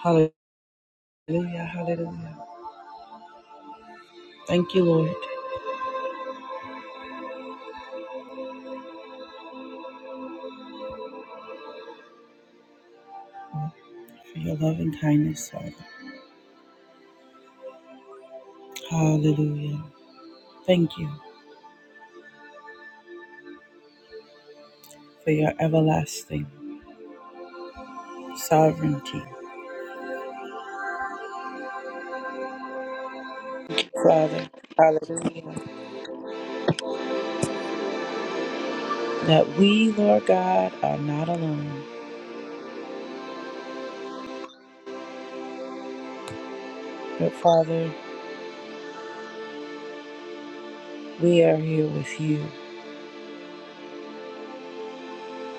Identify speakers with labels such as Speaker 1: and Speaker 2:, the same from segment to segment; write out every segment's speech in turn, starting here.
Speaker 1: Hallelujah, hallelujah. Thank you, Lord, for your love and kindness, Father. Hallelujah. Thank you for your everlasting sovereignty, Father. Hallelujah. That we, Lord God, are not alone, but Father, we are here with you.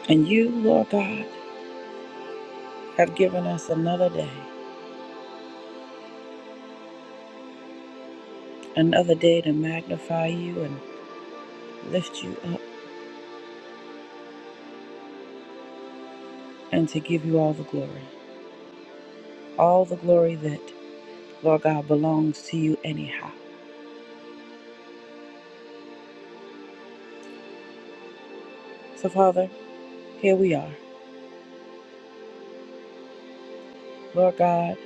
Speaker 1: And you, Lord God, have given us another day, another day to magnify you and lift you up and to give you all the glory. All the glory that, Lord God, belongs to you anyhow. So, Father, here we are, Lord God,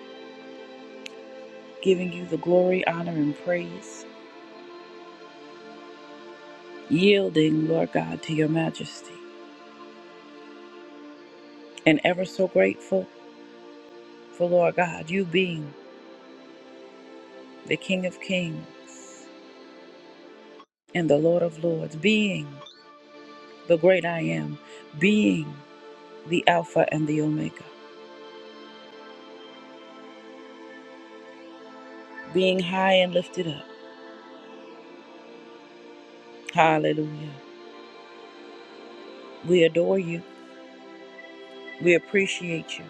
Speaker 1: giving you the glory, honor, and praise, yielding, Lord God, to your majesty, and ever so grateful for, Lord God, you being the King of Kings and the Lord of Lords, being the great I am, being the Alpha and the Omega, being high and lifted up. Hallelujah. We adore you, we appreciate you,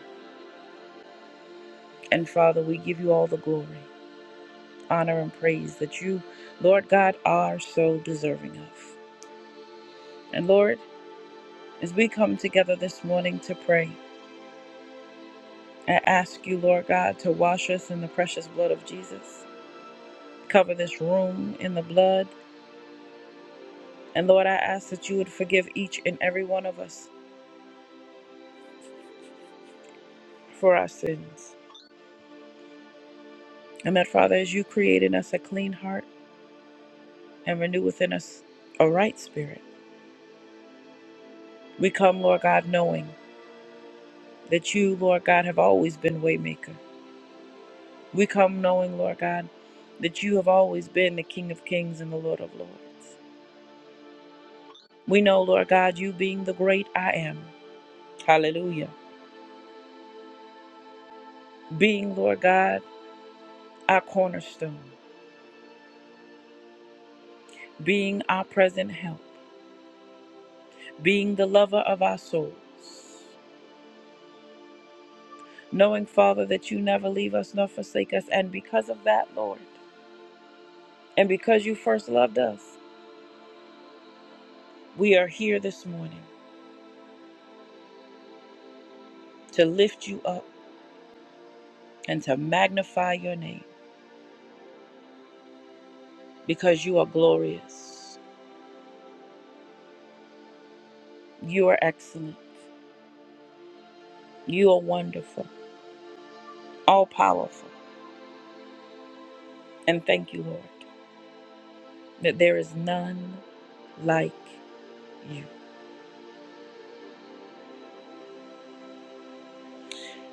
Speaker 1: and Father, we give you all the glory. honor, and praise that you, Lord God, are so deserving of. And Lord, as we come together this morning to pray, I ask you, Lord God, to wash us in the precious blood of Jesus, cover this room in the blood. And Lord, I ask that you would forgive each and every one of us for our sins. And that, Father, as you create in us a clean heart and renew within us a right spirit, we come, Lord God, knowing that you, Lord God, have always been waymaker. We come knowing, Lord God, that you have always been the King of Kings and the Lord of Lords. We know, Lord God, you being the great I am. Hallelujah. Being, Lord God, our cornerstone, being our present help, being the lover of our souls. Knowing, Father, that you never leave us nor forsake us. And because of that, Lord, and because you first loved us, we are here this morning to lift you up and to magnify your name because you are glorious. You are excellent. You are wonderful, all powerful. And thank you, Lord, that there is none like you.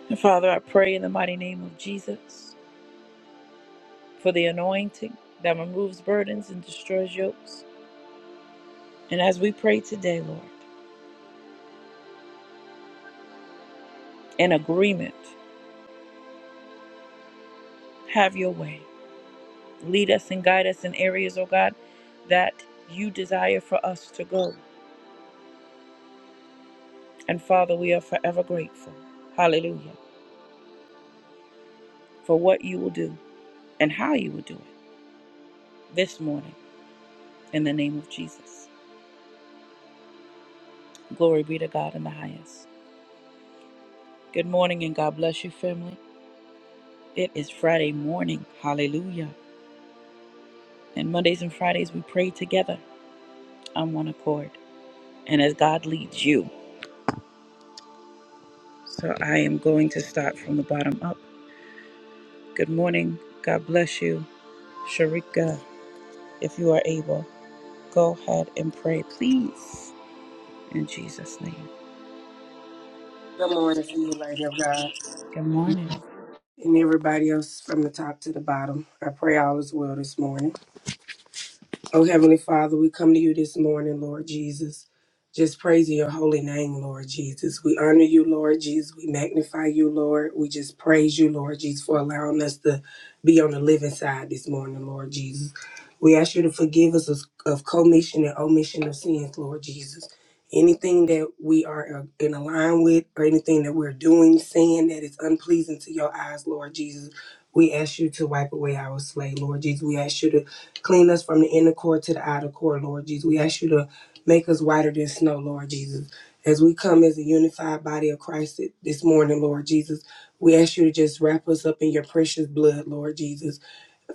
Speaker 1: And Father, I pray in the mighty name of Jesus for the anointing that removes burdens and destroys yokes. And as we pray today, Lord, in agreement, have your way. Lead us and guide us in areas, oh God, that you desire for us to go. And Father, we are forever grateful. Hallelujah. For what you will do and how you will do it. this morning in the name of Jesus. Glory be to God in the highest. Good morning and God bless you, family. It is Friday morning. Hallelujah. And Mondays and Fridays, we pray together on one accord and as God leads you. So I am going to start from the bottom up. Good morning. God bless you. Sharika, if you are able, go ahead and pray, please, in Jesus' name.
Speaker 2: Good morning to you, Lady of God,
Speaker 1: Good morning.
Speaker 2: and everybody else from the top to the bottom. I pray all is well this morning. Oh, Heavenly Father, we come to you this morning, Lord Jesus. Just praising your holy name, Lord Jesus. We honor you, Lord Jesus. We magnify you, Lord. We just praise you, Lord Jesus, for allowing us to be on the living side this morning, Lord Jesus. We ask you to forgive us of, of commission and omission of sins, Lord Jesus. Anything that we are uh, in align with or anything that we're doing, saying that is unpleasing to your eyes, Lord Jesus, we ask you to wipe away our slate, Lord Jesus. We ask you to Clean us from the inner core to the outer core, Lord Jesus. We ask you to make us whiter than snow, Lord Jesus. As we come as a unified body of Christ this morning, Lord Jesus, we ask you to just wrap us up in your precious blood, Lord Jesus.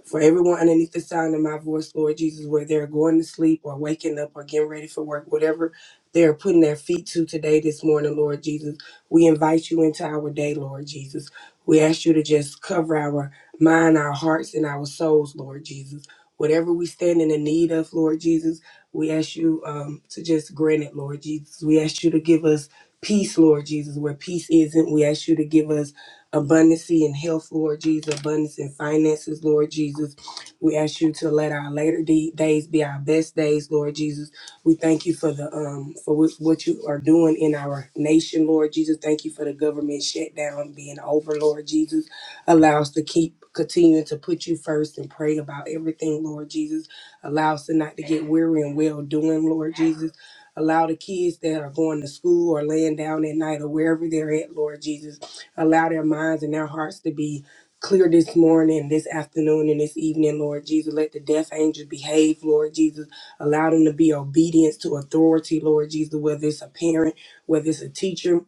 Speaker 2: For everyone underneath the sound of my voice, Lord Jesus, where they're going to sleep or waking up or getting ready for work, whatever they're putting their feet to today, this morning, Lord Jesus, we invite you into our day, Lord Jesus. We ask you to just cover our mind, our hearts, and our souls, Lord Jesus. Whatever we stand in the need of, Lord Jesus, we ask you um, to just grant it, Lord Jesus. We ask you to give us peace, Lord Jesus, where peace isn't. We ask you to give us abundancy and health, Lord Jesus, abundance in finances, Lord Jesus. We ask you to let our later de- days be our best days, Lord Jesus. We thank you for the um for what, what you are doing in our nation, Lord Jesus. Thank you for the government shutdown being over, Lord Jesus. Allow us to keep continuing to put you first and pray about everything, Lord Jesus. Allow us to not to get weary and well doing, Lord Jesus. Allow the kids that are going to school or laying down at night or wherever they're at, Lord Jesus Allow their minds and their hearts to be clear this morning, this afternoon, and this evening, Lord Jesus. Let the deaf angels behave, Lord Jesus. Allow them to be obedient to authority, Lord Jesus, whether it's a parent, whether it's a teacher,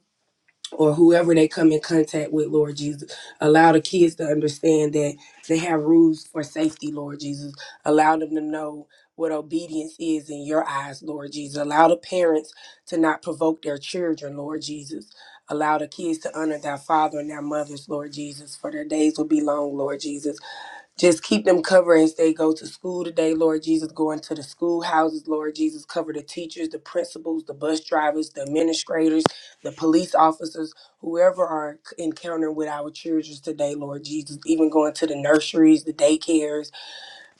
Speaker 2: or whoever they come in contact with, Lord Jesus. Allow the kids to understand that they have rules for safety, Lord Jesus. Allow them to know what obedience is in your eyes, Lord Jesus. Allow the parents to not provoke their children, Lord Jesus. Allow the kids to honor their father and their mothers, Lord Jesus, for their days will be long, Lord Jesus. Just keep them covered as they go to school today, Lord Jesus. Go into the schoolhouses, Lord Jesus. Cover the teachers, the principals, the bus drivers, the administrators, the police officers, whoever are encountering with our children today, Lord Jesus. Even going to the nurseries, the daycares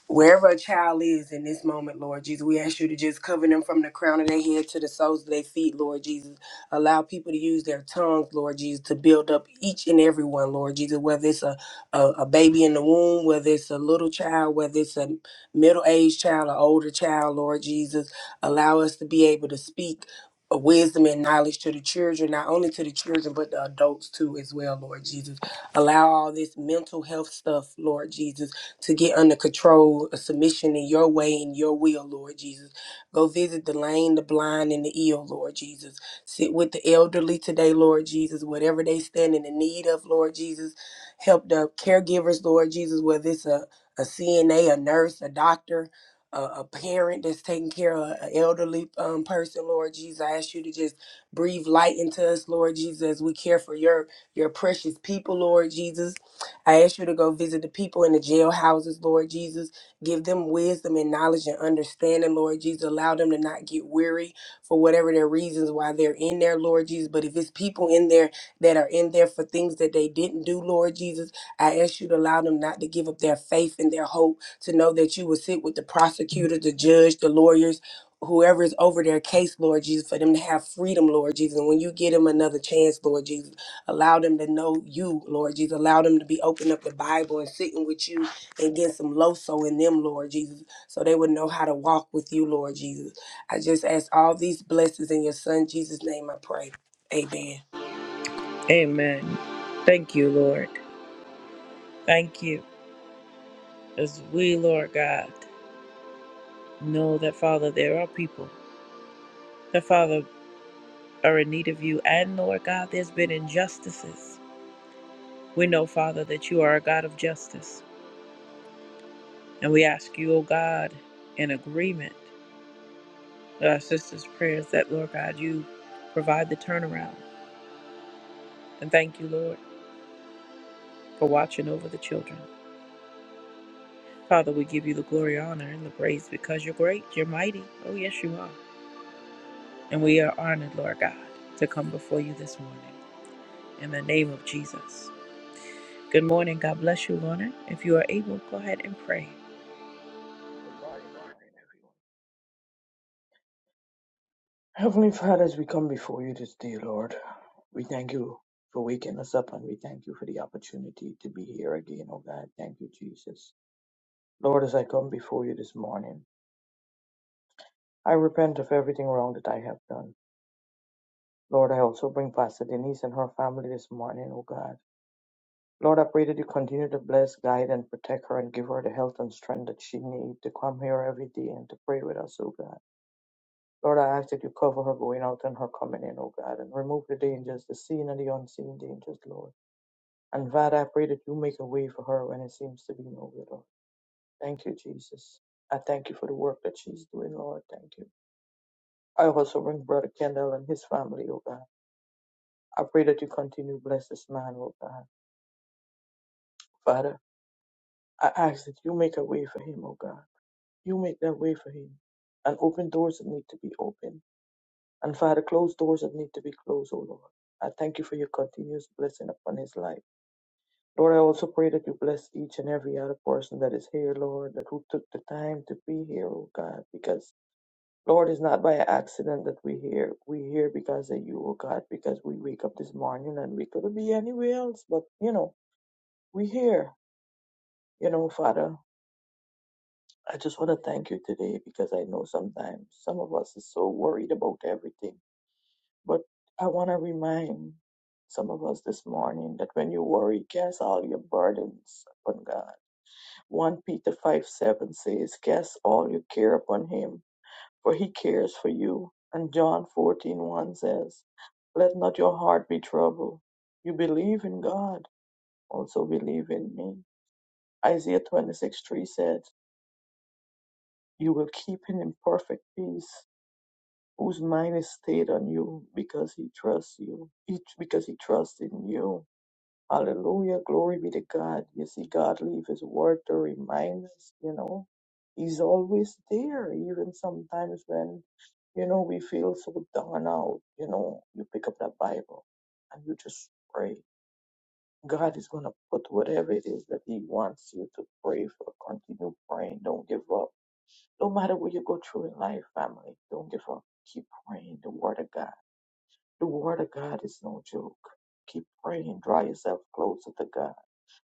Speaker 2: Wherever a child is in this moment, Lord Jesus, we ask you to just cover them from the crown of their head to the soles of their feet, Lord Jesus. Allow people to use their tongues, Lord Jesus, to build up each and every one, Lord Jesus, whether it's a, a, a baby in the womb, whether it's a little child, whether it's a middle aged child, or older child, Lord Jesus. Allow us to be able to speak wisdom and knowledge to the children, not only to the children, but the adults too, as well, Lord Jesus. Allow all this mental health stuff, Lord Jesus to get under control, a submission in your way and your will, Lord Jesus. Go visit the lame, the blind, and the ill, Lord Jesus. Sit with the elderly today, Lord Jesus, whatever they stand in the need of, Lord Jesus. Help the caregivers, Lord Jesus, whether it's a, a CNA, a a nurse, a doctor, a, a parent that's taking care of an elderly um, person, Lord Jesus. I ask you to just breathe light into us, Lord Jesus, as we care for your your precious people, Lord Jesus I ask you to go visit the people in the jailhouses, Lord Jesus. Give them wisdom and knowledge and understanding, Lord Jesus. Allow them to not get weary for whatever their reasons why they're in there, Lord Jesus. But if it's people in there that are in there for things that they didn't do, Lord Jesus, I ask you to allow them not to give up their faith and their hope, to know that you will sit with the prosecutor, the judge, the lawyers. Whoever is over their case, Lord Jesus, for them to have freedom, Lord Jesus. And when you give them another chance, Lord Jesus, Allow them to know you, Lord Jesus. Allow them to be opening up the Bible and sitting with you and getting some loso in them, Lord Jesus, so they would know how to walk with you, Lord Jesus. I just ask all these blessings in your son Jesus' name I pray. Amen.
Speaker 1: Amen. Thank you, Lord. Thank you. As we, Lord God. know that, Father, there are people that, Father, are in need of you. And, Lord God, there's been injustices. We know, Father, that you are a God of justice. And we ask you, oh God, in agreement with our sisters' prayers, that, Lord God, you provide the turnaround. And thank you, Lord, for watching over the children. Father, we give you the glory, honor, and the praise because you're great, you're mighty. Oh, yes, you are. And we are honored, Lord God, to come before you this morning. In the name of Jesus. Good morning. God bless you, Lorna. If you are able, go ahead and pray.
Speaker 3: Good morning, good morning, everyone. Heavenly Father, as we come before you this day, Lord, we thank you for waking us up and we thank you for the opportunity to be here again, oh God. Thank you, Jesus. Lord, as I come before you this morning, I repent of everything wrong that I have done. Lord, I also bring Pastor Denise and her family this morning, oh God. Lord, I pray that you continue to bless, guide, and protect her and give her the health and strength that she needs to come here every day and to pray with us, oh God. Lord, I ask that you cover her going out and her coming in, oh God, and remove the dangers, the seen and the unseen dangers, Lord. And Father, I pray that you make a way for her when it seems to be no way, Lord. Thank you, Jesus. I thank you for the work that she's doing, Lord. Thank you. I also bring Brother Kendall and his family, oh God. I pray that you continue to bless this man, oh God. Father, I ask that you make a way for him, oh God. You make that way for him and open doors that need to be opened And Father, close doors that need to be closed, oh Lord. I thank you for your continuous blessing upon his life. Lord, I also pray that you bless each and every other person that is here, Lord, that who took the time to be here, oh God, because Lord, it's not by accident that we're here. We're here because of you, oh God, because we wake up this morning and we could be anywhere else, but you know, we're here. You know, Father, I just want to thank you today because I know sometimes some of us is so worried about everything But I want to remind some of us this morning that when you worry, cast all your burdens upon God. 1 Peter 5 7 says, Cast all your care upon Him, for He cares for you. And John 14 one says, Let not your heart be troubled. You believe in God, also believe in me. Isaiah 26 3 said, You will keep him in perfect peace, whose mind is stayed on you because he trusts you, each because he trusts in you. Hallelujah. Glory be to God. You see, God leave his word to remind us, you know. He's always there, even sometimes when, you know, we feel so down out, you know, you pick up that Bible and you just pray. God is going to put whatever it is that he wants you to pray for. Continue praying. Don't give up. No matter what you go through in life, family, don't give up. Keep praying the word of God. The word of God is no joke. Keep praying. Draw yourself closer to God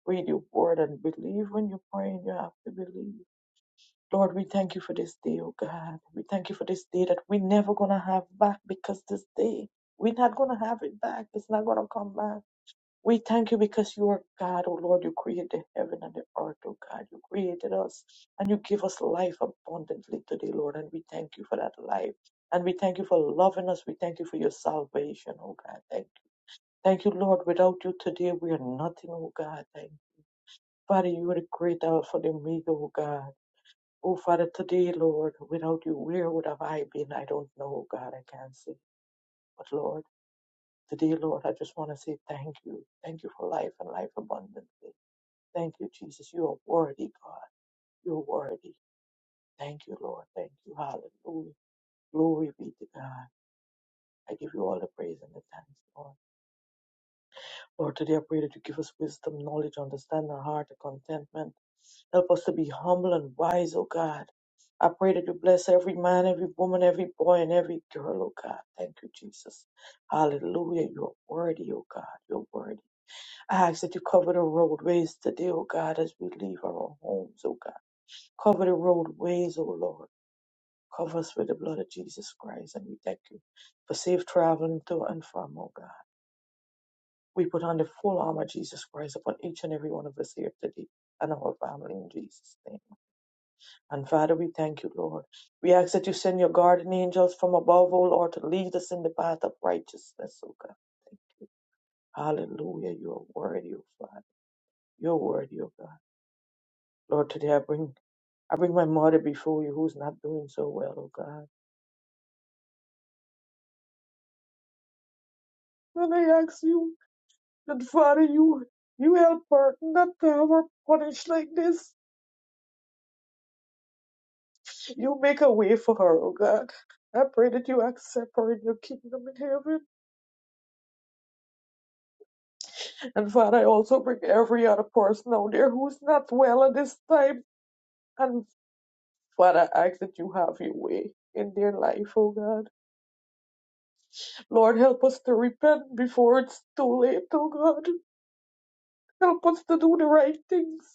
Speaker 3: read your word and believe when you're praying you have to believe lord we thank you for this day oh god we thank you for this day that we're never gonna have back because this day we're not gonna have it back it's not gonna come back we thank you because you are god oh lord you created the heaven and the earth oh god you created us and you give us life abundantly today lord and we thank you for that life and we thank you for loving us. We thank you for your salvation, oh God. Thank you. Thank you, Lord. Without you today, we are nothing, oh God. Thank you. Father, you are the great Alpha and Omega, oh God. Oh Father, today, Lord, without you, where would have I been? I don't know, oh God, I can't say. But Lord, today, Lord, I just want to say thank you. Thank you for life and life abundantly. Thank you, Jesus. You are worthy, God. You're worthy. Thank you, Lord. Thank you. Hallelujah. Glory be to God. I give you all the praise and the thanks, Lord. Lord, today I pray that you give us wisdom, knowledge, understanding, heart, and contentment. Help us to be humble and wise, oh God. I pray that you bless every man, every woman, every boy, and every girl, oh God. Thank you, Jesus. Hallelujah. You're worthy, oh God. You're worthy. I ask that you cover the roadways today, oh God, as we leave our homes, oh God. Cover the roadways, oh Lord. Cover us with the blood of Jesus Christ, and we thank you for safe traveling to and from, oh God. We put on the full armor of Jesus Christ upon each and every one of us here today and our family in Jesus' name. And Father, we thank you, Lord. We ask that you send your guardian angels from above, O Lord, to lead us in the path of righteousness, O God. Thank you. Hallelujah. You are worthy, O Father. You're worthy, O God. Lord, today I bring I bring my mother before you who's not doing so well, O God. And I ask you that Father, you you help her not to have her punished like this. You make a way for her, O God. I pray that you accept her in your kingdom in heaven. And Father, I also bring every other person out there who's not well at this time. And Father, I ask that you have your way in their life, oh God. Lord, help us to repent before it's too late, oh God. Help us to do the right things.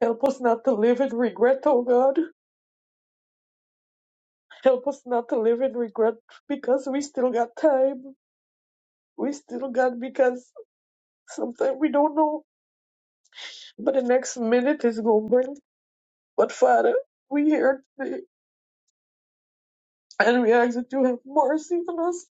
Speaker 3: Help us not to live in regret, oh God. Help us not to live in regret because we still got time. We still got because sometimes we don't know. But the next minute is going to bring. But Father, we here. And we ask that you have mercy on us.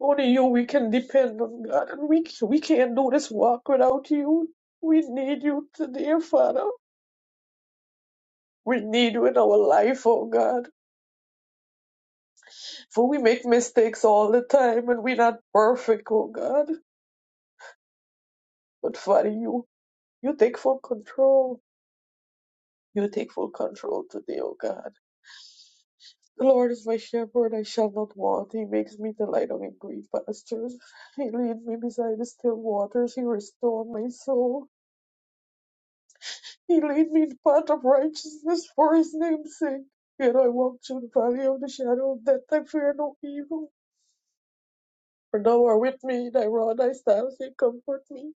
Speaker 3: Only you we can depend on God, and we we can't do this walk without you. We need you today, Father. We need you in our life, oh God. For we make mistakes all the time, and we're not perfect, oh God. But Father, you you take full control. You take full control today, oh God. The Lord is my shepherd; I shall not want. He makes me to lie down in green pastures. He leads me beside the still waters. He restores my soul. He lead me in the path of righteousness for his name's sake. Yet I walk through the valley of the shadow of death, I fear no evil. For thou art with me, thy rod, thy staff, they comfort me.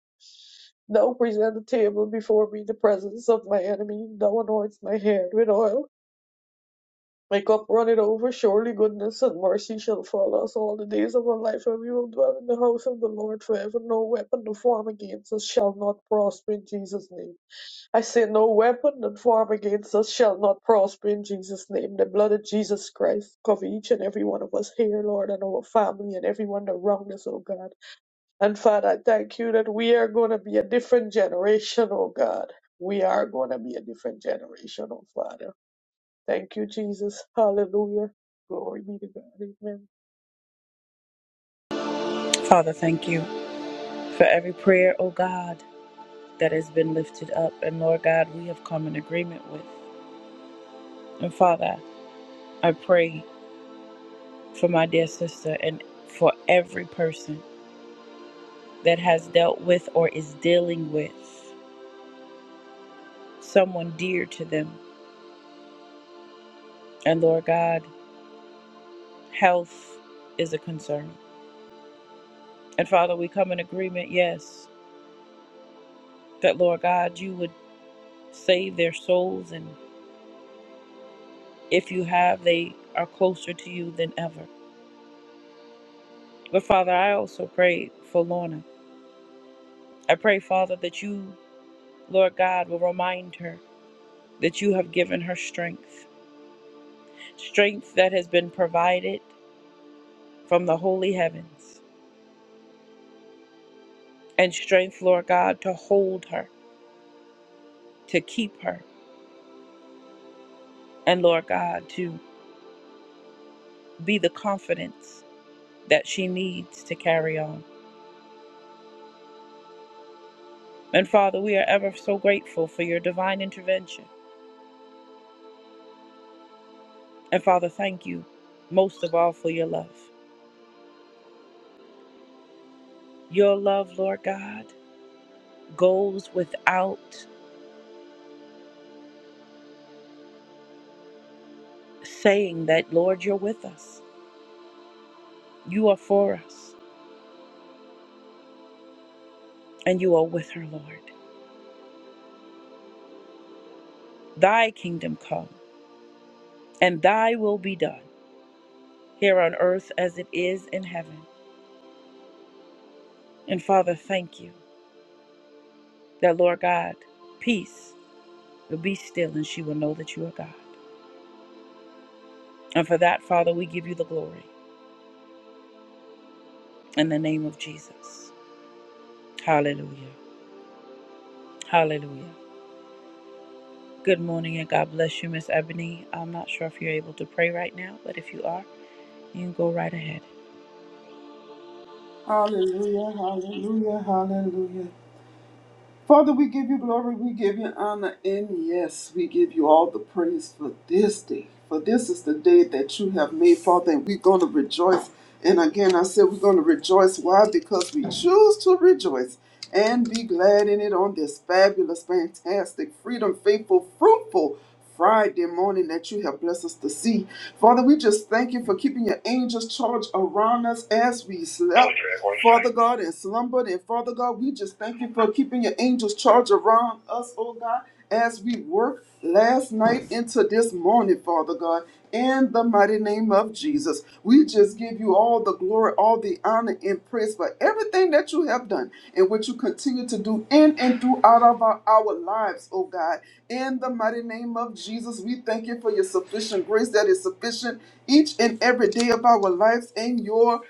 Speaker 3: Thou present a table before me in the presence of my enemy. Thou anoints my head with oil. My cup runneth over. Surely goodness and mercy shall follow us all the days of our life, and we will dwell in the house of the Lord forever. No weapon to form against us shall not prosper in Jesus' name. I say no weapon that form against us shall not prosper in Jesus' name. The blood of Jesus Christ cover each and every one of us here, Lord, and our family and everyone around us, oh God. And Father, I thank you that we are going to be a different generation, oh God. We are going to be a different generation, oh Father. Thank you, Jesus. Hallelujah. Glory be to God. Amen.
Speaker 1: Father, thank you for every prayer, O God, that has been lifted up. And Lord God, we have come in agreement with. And Father, I pray for my dear sister and for every person that has dealt with or is dealing with someone dear to them. And Lord God, health is a concern. And Father, we come in agreement, yes, that Lord God, you would save their souls and. If you have, they are closer to you than ever. But Father, I also pray for Lorna. I pray, Father, that you, Lord God, will remind her that you have given her strength, strength that has been provided from the holy heavens, and strength, Lord God, to hold her, to keep her, and Lord God, to be the confidence that she needs to carry on. And Father, we are ever so grateful for your divine intervention. And Father, thank you most of all for your love. Your love, Lord God, goes without saying that, Lord, you're with us. You are for us, and you are with her, Lord. Thy kingdom come, and thy will be done here on earth as it is in heaven. And Father, thank you that, Lord God, peace will be still, and she will know that you are God. And for that, Father, we give you the glory in the name of Jesus. Hallelujah. Hallelujah. Good morning and God bless you, Miss Ebony. I'm not sure if you're able to pray right now, but if you are, you can go right ahead.
Speaker 4: Hallelujah, hallelujah, hallelujah. Father, we give you glory, we give you honor, and yes, we give you all the praise for this day. For this is the day that you have made, Father, and we're going to rejoice. And again, I said we're going to rejoice. Why? Because we choose to rejoice and be glad in it on this fabulous, fantastic, freedom, faithful, fruitful Friday morning that you have blessed us to see. Father, we just thank you for keeping your angels charged around us as we slept. Father God, and slumbered, and Father God, we just thank you for keeping your angels charged around us, oh God, as we work last night into this morning, Father God in the mighty name of Jesus. We just give you all the glory, all the honor, and praise for everything that you have done and what you continue to do in and throughout of our, our lives, oh God. In the mighty name of Jesus, we thank you for your sufficient grace that is sufficient each and every day of our lives and your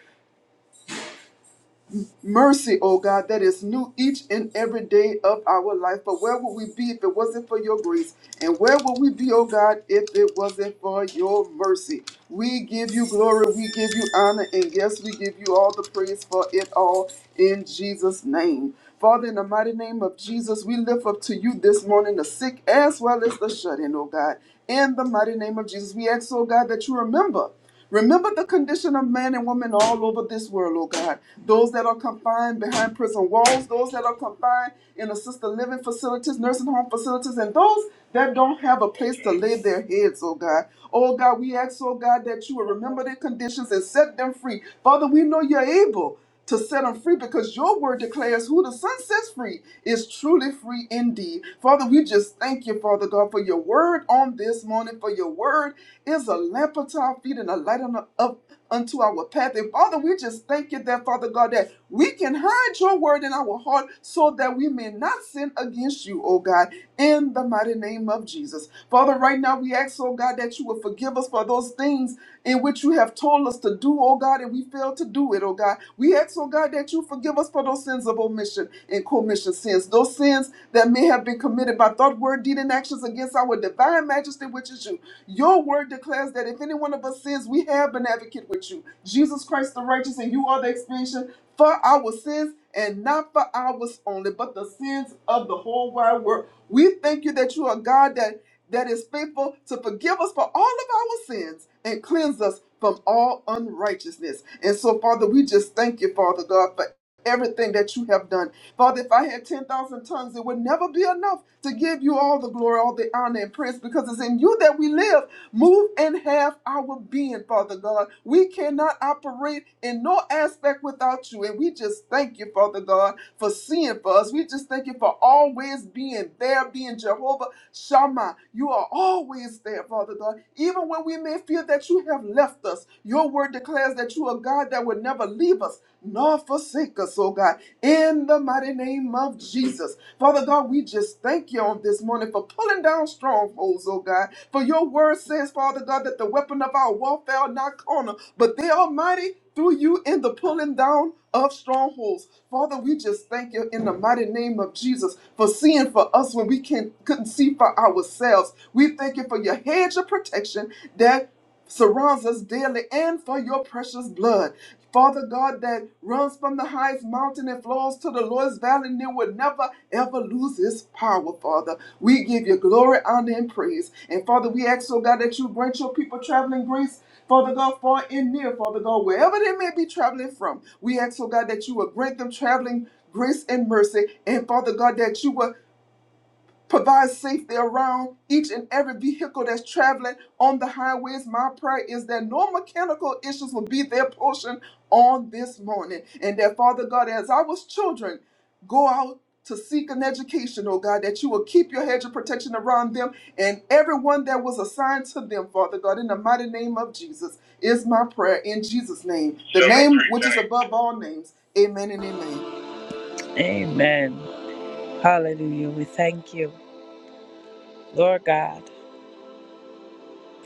Speaker 4: mercy, oh God, that is new each and every day of our life. But where would we be if it wasn't for your grace? And where would we be, oh God, if it wasn't for your mercy? We give you glory, we give you honor, and yes, we give you all the praise for it all in Jesus' name. Father, in the mighty name of Jesus, we lift up to you this morning the sick as well as the shut in, oh God. In the mighty name of Jesus, we ask, oh God, that you remember. Remember the condition of man and woman all over this world, oh God. Those that are confined behind prison walls, those that are confined in assisted living facilities, nursing home facilities, and those that don't have a place to lay their heads, oh God. Oh God, we ask, oh God, that you will remember their conditions and set them free. Father, we know you're able to set them free because your word declares who the Son sets free is truly free indeed. Father, we just thank you, Father God, for your word on this morning, for your word is a lamp unto our feet and a light on the- up unto our path. And Father, we just thank you that, Father God, that we can hide your word in our heart so that we may not sin against you, oh God, in the mighty name of Jesus. Father, right now we ask, oh God, that you will forgive us for those things in which you have told us to do, oh God, and we failed to do it, oh God. We ask, oh God, that you forgive us for those sins of omission and commission sins, those sins that may have been committed by thought, word, deed, and actions against our divine majesty, which is you. Your word declares that if any one of us sins, we have an advocate with you, Jesus Christ the righteous, and you are the expiation for our sins. And not for ours only, but the sins of the whole wide world. We thank you that you are God that that is faithful to forgive us for all of our sins and cleanse us from all unrighteousness. And so, Father, we just thank you, Father God, for everything that you have done. Father, if I had 10,000 tongues, it would never be enough to give you all the glory, all the honor, and praise because it's in you that we live, move, and have our being, Father God. We cannot operate in no aspect without you. And we just thank you, Father God, for seeing for us. We just thank you for always being there, being Jehovah. Shama, you are always there, Father God. Even when we may feel that you have left us, your word declares that you are God that will never leave us nor forsake us, oh God. In the mighty name of Jesus. Father God, we just thank you on this morning for pulling down strongholds, oh God. For your word says, Father God, that the weapon of our warfare are not corner, but they are mighty through you in the pulling down of strongholds. Father, we just thank you in the mighty name of Jesus for seeing for us when we can, couldn't see for ourselves. We thank you for your hedge of protection that surrounds us daily and for your precious blood. Father God, that runs from the highest mountain and flows to the lowest valley and it will never ever lose its power, Father. We give you glory, honor, and praise. And Father, we ask, oh God, that you grant your people traveling grace, Father God, far and near, Father God, wherever they may be traveling from. We ask, oh God, that you will grant them traveling grace and mercy. And Father God, that you will Provide safety around each and every vehicle that's traveling on the highways. My prayer is that no mechanical issues will be their portion on this morning. And that, Father God, as our children go out to seek an education, oh God, that you will keep your hedge of protection around them and everyone that was assigned to them, Father God, in the mighty name of Jesus, is my prayer in Jesus' name, the name which is above all names. Amen and amen.
Speaker 1: Amen. Hallelujah. We thank you, Lord God,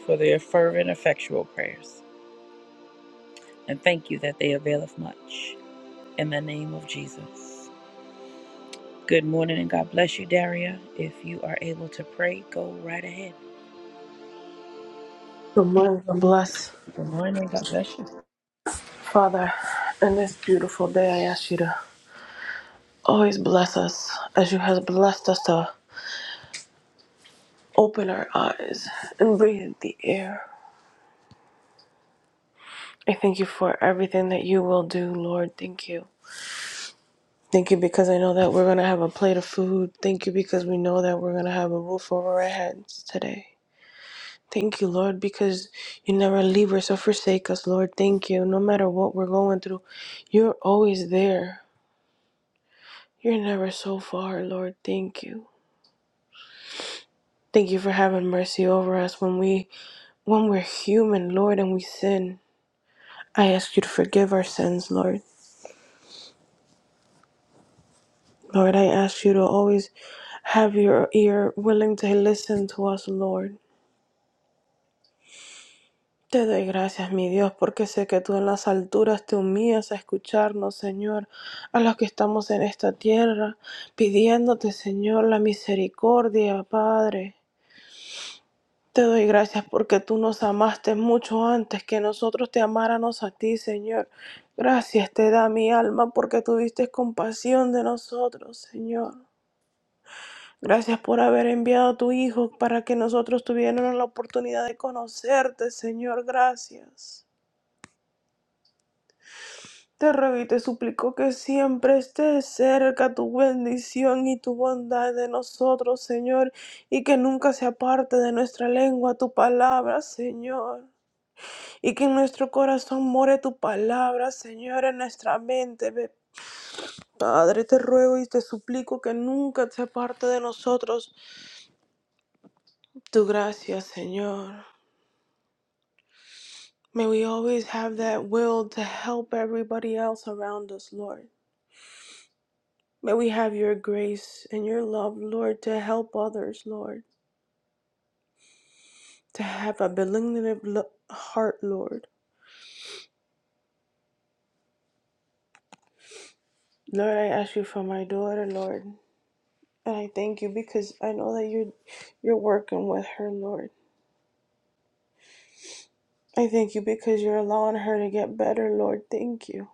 Speaker 1: for their fervent, effectual prayers. And thank you that they availeth much in the name of Jesus. Good morning and God bless you, Daria. If you are able to pray, go right ahead.
Speaker 5: Good morning, God bless.
Speaker 1: Good morning. and God bless you.
Speaker 5: Father, in this beautiful day, I ask you to always bless us as you have blessed us to open our eyes and breathe the air. I thank you for everything that you will do, Lord. Thank you. Thank you because I know that we're going to have a plate of food. Thank you because we know that we're going to have a roof over our heads today. Thank you, Lord, because you never leave us or forsake us, Lord. Thank you. No matter what we're going through, you're always there. You're never so far, Lord. Thank you. Thank you for having mercy over us when we when we're human, Lord, and we sin. I ask you to forgive our sins, Lord. Lord, I ask you to always have your ear willing to listen to us, Lord. Te doy gracias, mi Dios, porque sé que tú en las alturas te humillas a escucharnos, Señor, a los que estamos en esta tierra, pidiéndote, Señor, la misericordia, Padre. Te doy gracias porque tú nos amaste mucho antes que nosotros te amáramos a ti, Señor. Gracias te da mi alma porque tuviste compasión de nosotros, Señor. Gracias por haber enviado a tu Hijo para que nosotros tuviéramos la oportunidad de conocerte, Señor. Gracias. Te ruego y te suplico que siempre esté cerca tu bendición y tu bondad de nosotros, Señor, y que nunca se aparte de nuestra lengua tu palabra, Señor. y que en nuestro corazón more tu palabra, Señor, en nuestra mente. Ve, Padre, te ruego y te suplico que nunca se aparte de nosotros tu gracia, Señor. May we always have that will to help everybody else around us, Lord. May we have your grace and your love, Lord, to help others, Lord. To have a benignant heart, Lord. Lord, I ask you for my daughter, Lord. And I thank you because I know that you're, you're working with her, Lord. I thank you because you're allowing her to get better, Lord. Thank you.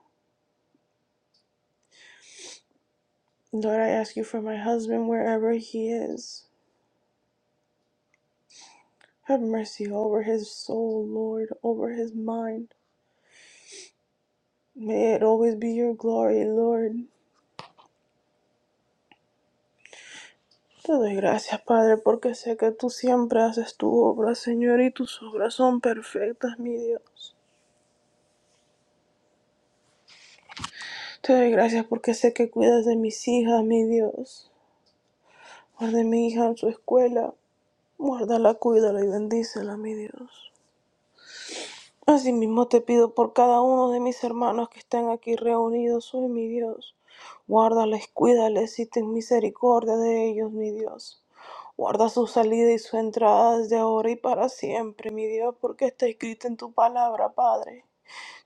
Speaker 5: Lord, I ask you for my husband wherever he is. Have mercy over his soul, Lord, over his mind. May it always be your glory, Lord. Te doy gracias, Padre, porque sé que tú siempre haces tu obra, Señor, y tus obras son perfectas, mi Dios. Te doy gracias porque sé que cuidas de mis hijas, mi Dios. Guarda a mi hija en su escuela. Guárdala, cuídala y bendícela, mi Dios. Asimismo te pido por cada uno de mis hermanos que están aquí reunidos hoy, mi Dios. Guárdales, cuídales y ten misericordia de ellos, mi Dios. Guarda su salida y su entrada desde ahora y para siempre, mi Dios, porque está escrito en tu palabra, Padre.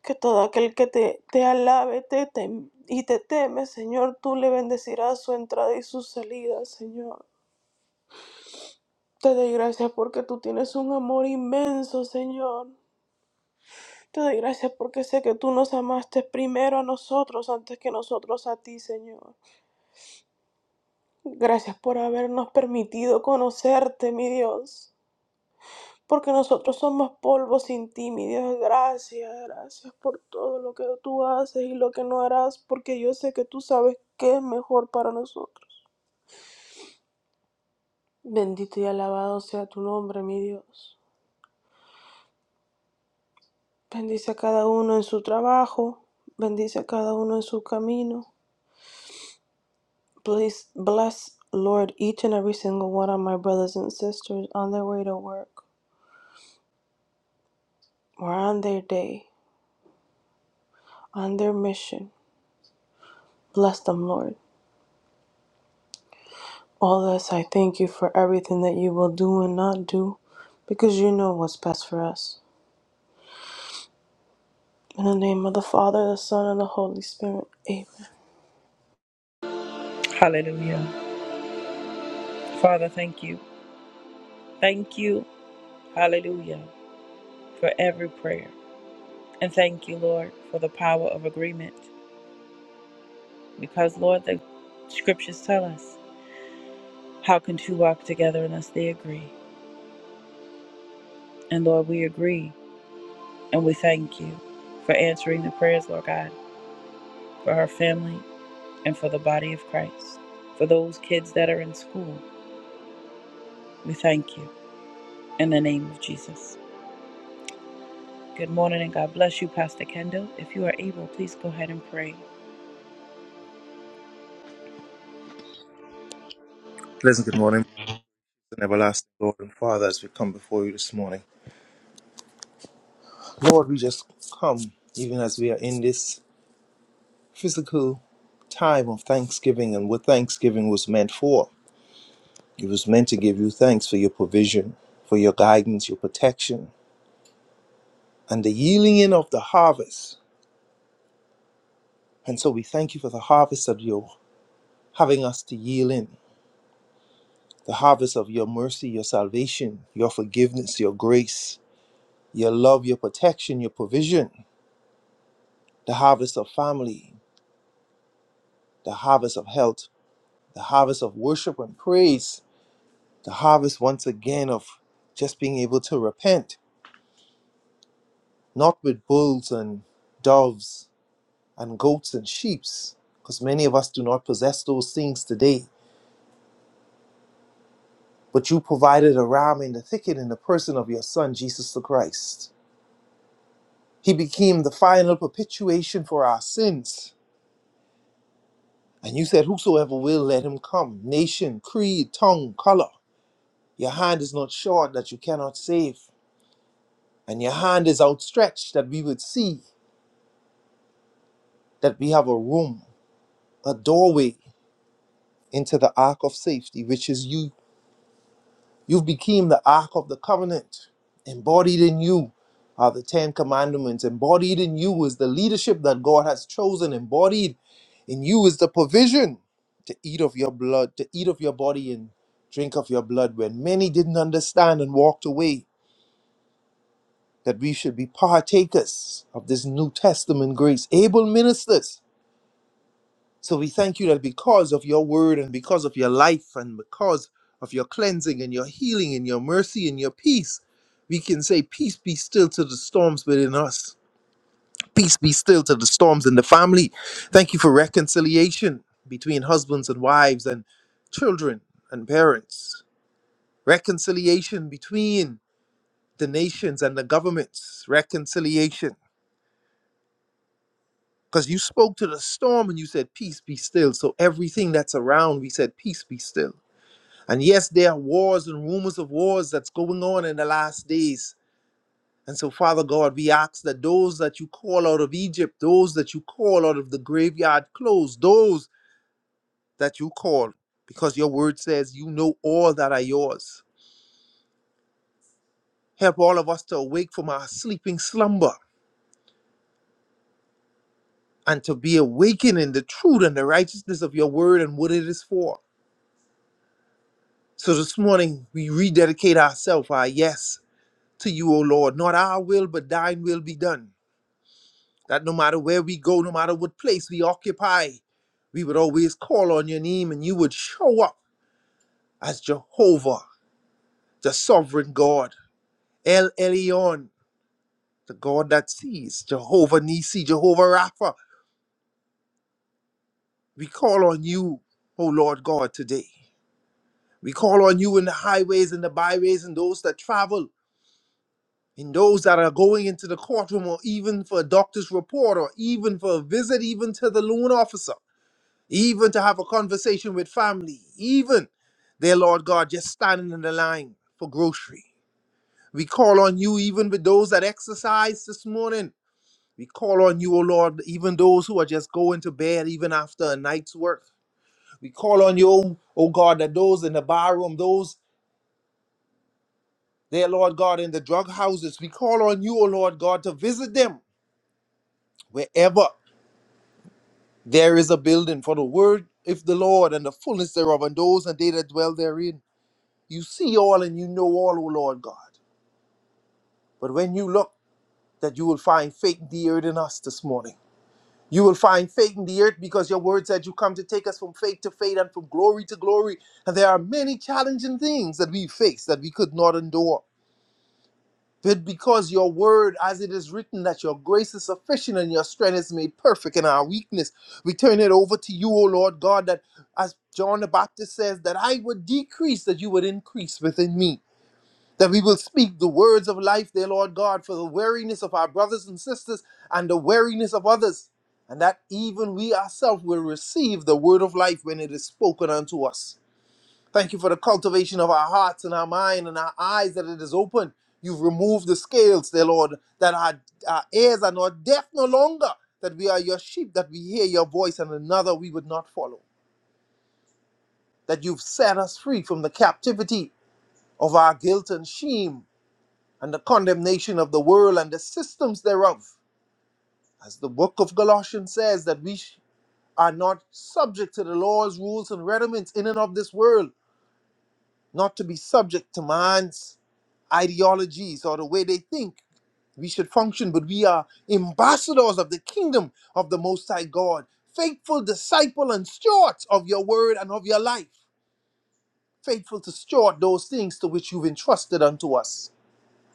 Speaker 5: Que todo aquel que te, te alabe te tem- y te teme, Señor, tú le bendecirás su entrada y su salida, Señor. Te doy gracias porque tú tienes un amor inmenso, Señor. Te doy gracias porque sé que tú nos amaste primero a nosotros antes que nosotros a ti, Señor. Gracias por habernos permitido conocerte, mi Dios. Porque nosotros somos polvo sin ti, mi Dios. Gracias, gracias por todo lo que tú haces y lo que no harás, porque yo sé que tú sabes qué es mejor para nosotros. Bendito y alabado sea tu nombre, mi Dios. Bendice a cada uno en su trabajo, bendice a cada uno en su camino. Bless, bless, Lord, each and every single one of my brothers and sisters on their way to work or on their day, on their mission. Bless them, Lord. All this, I thank you for everything that you will do and not do, because you know what's best for us. In the name of the Father, the Son, and the Holy Spirit. Amen.
Speaker 1: Hallelujah. Father, thank you. Thank you. Hallelujah. For every prayer. And thank you, Lord, for the power of agreement. Because, Lord, the scriptures tell us how can two walk together unless they agree? And, Lord, we agree and we thank you for answering the prayers, Lord God, for her family and for the body of Christ. For those kids that are in school, we thank you in the name of Jesus. Good morning and God bless you, Pastor Kendall. If you are able, please go ahead and pray.
Speaker 6: Pleasant good morning, and everlasting Lord and Father, as we come before you this morning. Lord, we just come, even as we are in this physical time of thanksgiving and what thanksgiving was meant for. It was meant to give you thanks for your provision, for your guidance, your protection, and the yielding in of the harvest. And so we thank you for the harvest of your having us to yield in the harvest of your mercy, your salvation, your forgiveness, your grace, your love, your protection, your provision, the harvest of family, the harvest of health, the harvest of worship and praise, the harvest once again of just being able to repent, not with bulls and doves and goats and sheeps, because many of us do not possess those things today. But you provided a ram in the thicket in the person of your Son, Jesus the Christ. He became the final perpetuation for our sins. And you said, Whosoever will, let him come. Nation, creed, tongue, color. Your hand is not short that you cannot save. and your hand is outstretched that we would see that we have a room, a doorway into the ark of safety, which is you. You became the ark of the covenant. Embodied in you are the Ten Commandments. Embodied in you is the leadership that God has chosen. Embodied in you is the provision to eat of your blood, to eat of your body and drink of your blood. When many didn't understand and walked away, that we should be partakers of this New Testament grace, able ministers So we thank you that because of your word and because of your life and because of your cleansing and your healing and your mercy and your peace, we can say, Peace be still to the storms within us. Peace be still to the storms in the family. Thank you for reconciliation between husbands and wives and children and parents. Reconciliation between the nations and the governments. Reconciliation. Because you spoke to the storm and you said, Peace be still. So everything that's around, we said, Peace be still And yes, there are wars and rumors of wars that's going on in the last days. And so, Father God, we ask that those that you call out of Egypt, those that you call out of the graveyard close, those that you call, because your word says you know all that are yours. Help all of us to awake from our sleeping slumber and to be awakened in the truth and the righteousness of your word and what it is for. So this morning, we rededicate ourselves, our yes, to you, O Lord. Not our will, but thine will be done. that no matter where we go, no matter what place we occupy, we would always call on your name and you would show up as Jehovah, the sovereign God, El Elyon, the God that sees, Jehovah Nisi, Jehovah Rapha. We call on you, O Lord God, today. We call on you in the highways and the byways and those that travel, in those that are going into the courtroom or even for a doctor's report or even for a visit, even to the loan officer. even to have a conversation with family, even, dear Lord God, just standing in the line for grocery. We call on you even with those that exercise this morning. We call on you, O Lord, even those who are just going to bed even after a night's work. We call on you, O God, that those in the barroom, those, dear Lord God, in the drug houses, we call on you, O Lord God, to visit them wherever there is a building for the word of the Lord and the fullness thereof and those and they that dwell therein. You see all and you know all, O Lord God. But when you look, that you will find faith in the earth in us this morning. You will find faith in the earth because your word said you come to take us from faith to faith and from glory to glory. And there are many challenging things that we face that we could not endure. But because your word, as it is written, that your grace is sufficient and your strength is made perfect in our weakness, we turn it over to you, O Lord God, that as John the Baptist says, that I would decrease, that you would increase within me. that we will speak the words of life, dear Lord God, for the weariness of our brothers and sisters and the weariness of others, and that even we ourselves will receive the word of life when it is spoken unto us. Thank you for the cultivation of our hearts and our mind and our eyes that it is open. You've removed the scales, dear Lord, that our, our ears are not deaf no longer, that we are your sheep, that we hear your voice and another we would not follow, that you've set us free from the captivity of our guilt and shame and the condemnation of the world and the systems thereof. As the book of Galatians says, that we are not subject to the laws, rules, and rudiments in and of this world, not to be subject to man's ideologies or the way they think we should function, but we are ambassadors of the kingdom of the Most High God, faithful disciple and stewards of your word and of your life, faithful to steward those things to which you've entrusted unto us.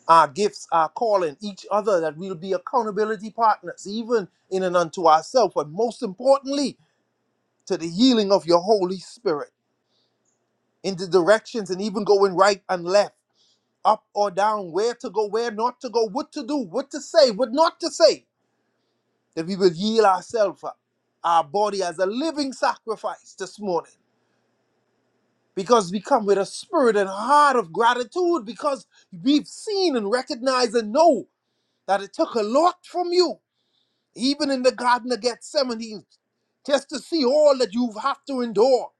Speaker 6: our gifts, our calling, each other, that we'll be accountability partners, even in and unto ourselves, but most importantly, to the healing of your Holy Spirit in the directions and even going right and left, up or down, where to go, where not to go, what to do, what to say, what not to say, that we will yield ourselves up, our body as a living sacrifice this morning. Because we come with a spirit and heart of gratitude because we've seen and recognized and know that it took a lot from you Even in the Garden of Gethsemane, just to see all that you've had to endure,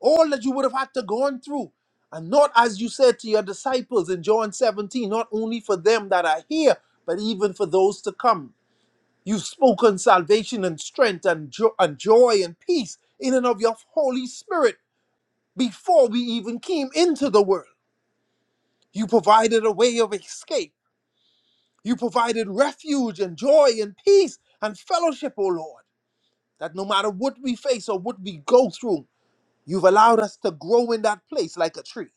Speaker 6: all that you would have had to gone through. And not as you said to your disciples in John 17, not only for them that are here, but even for those to come. You've spoken salvation and strength and, jo- and joy and peace in and of your Holy Spirit before we even came into the world. You provided a way of escape. You provided refuge and joy and peace and fellowship, O Lord. That no matter what we face or what we go through, you've allowed us to grow in that place like a tree.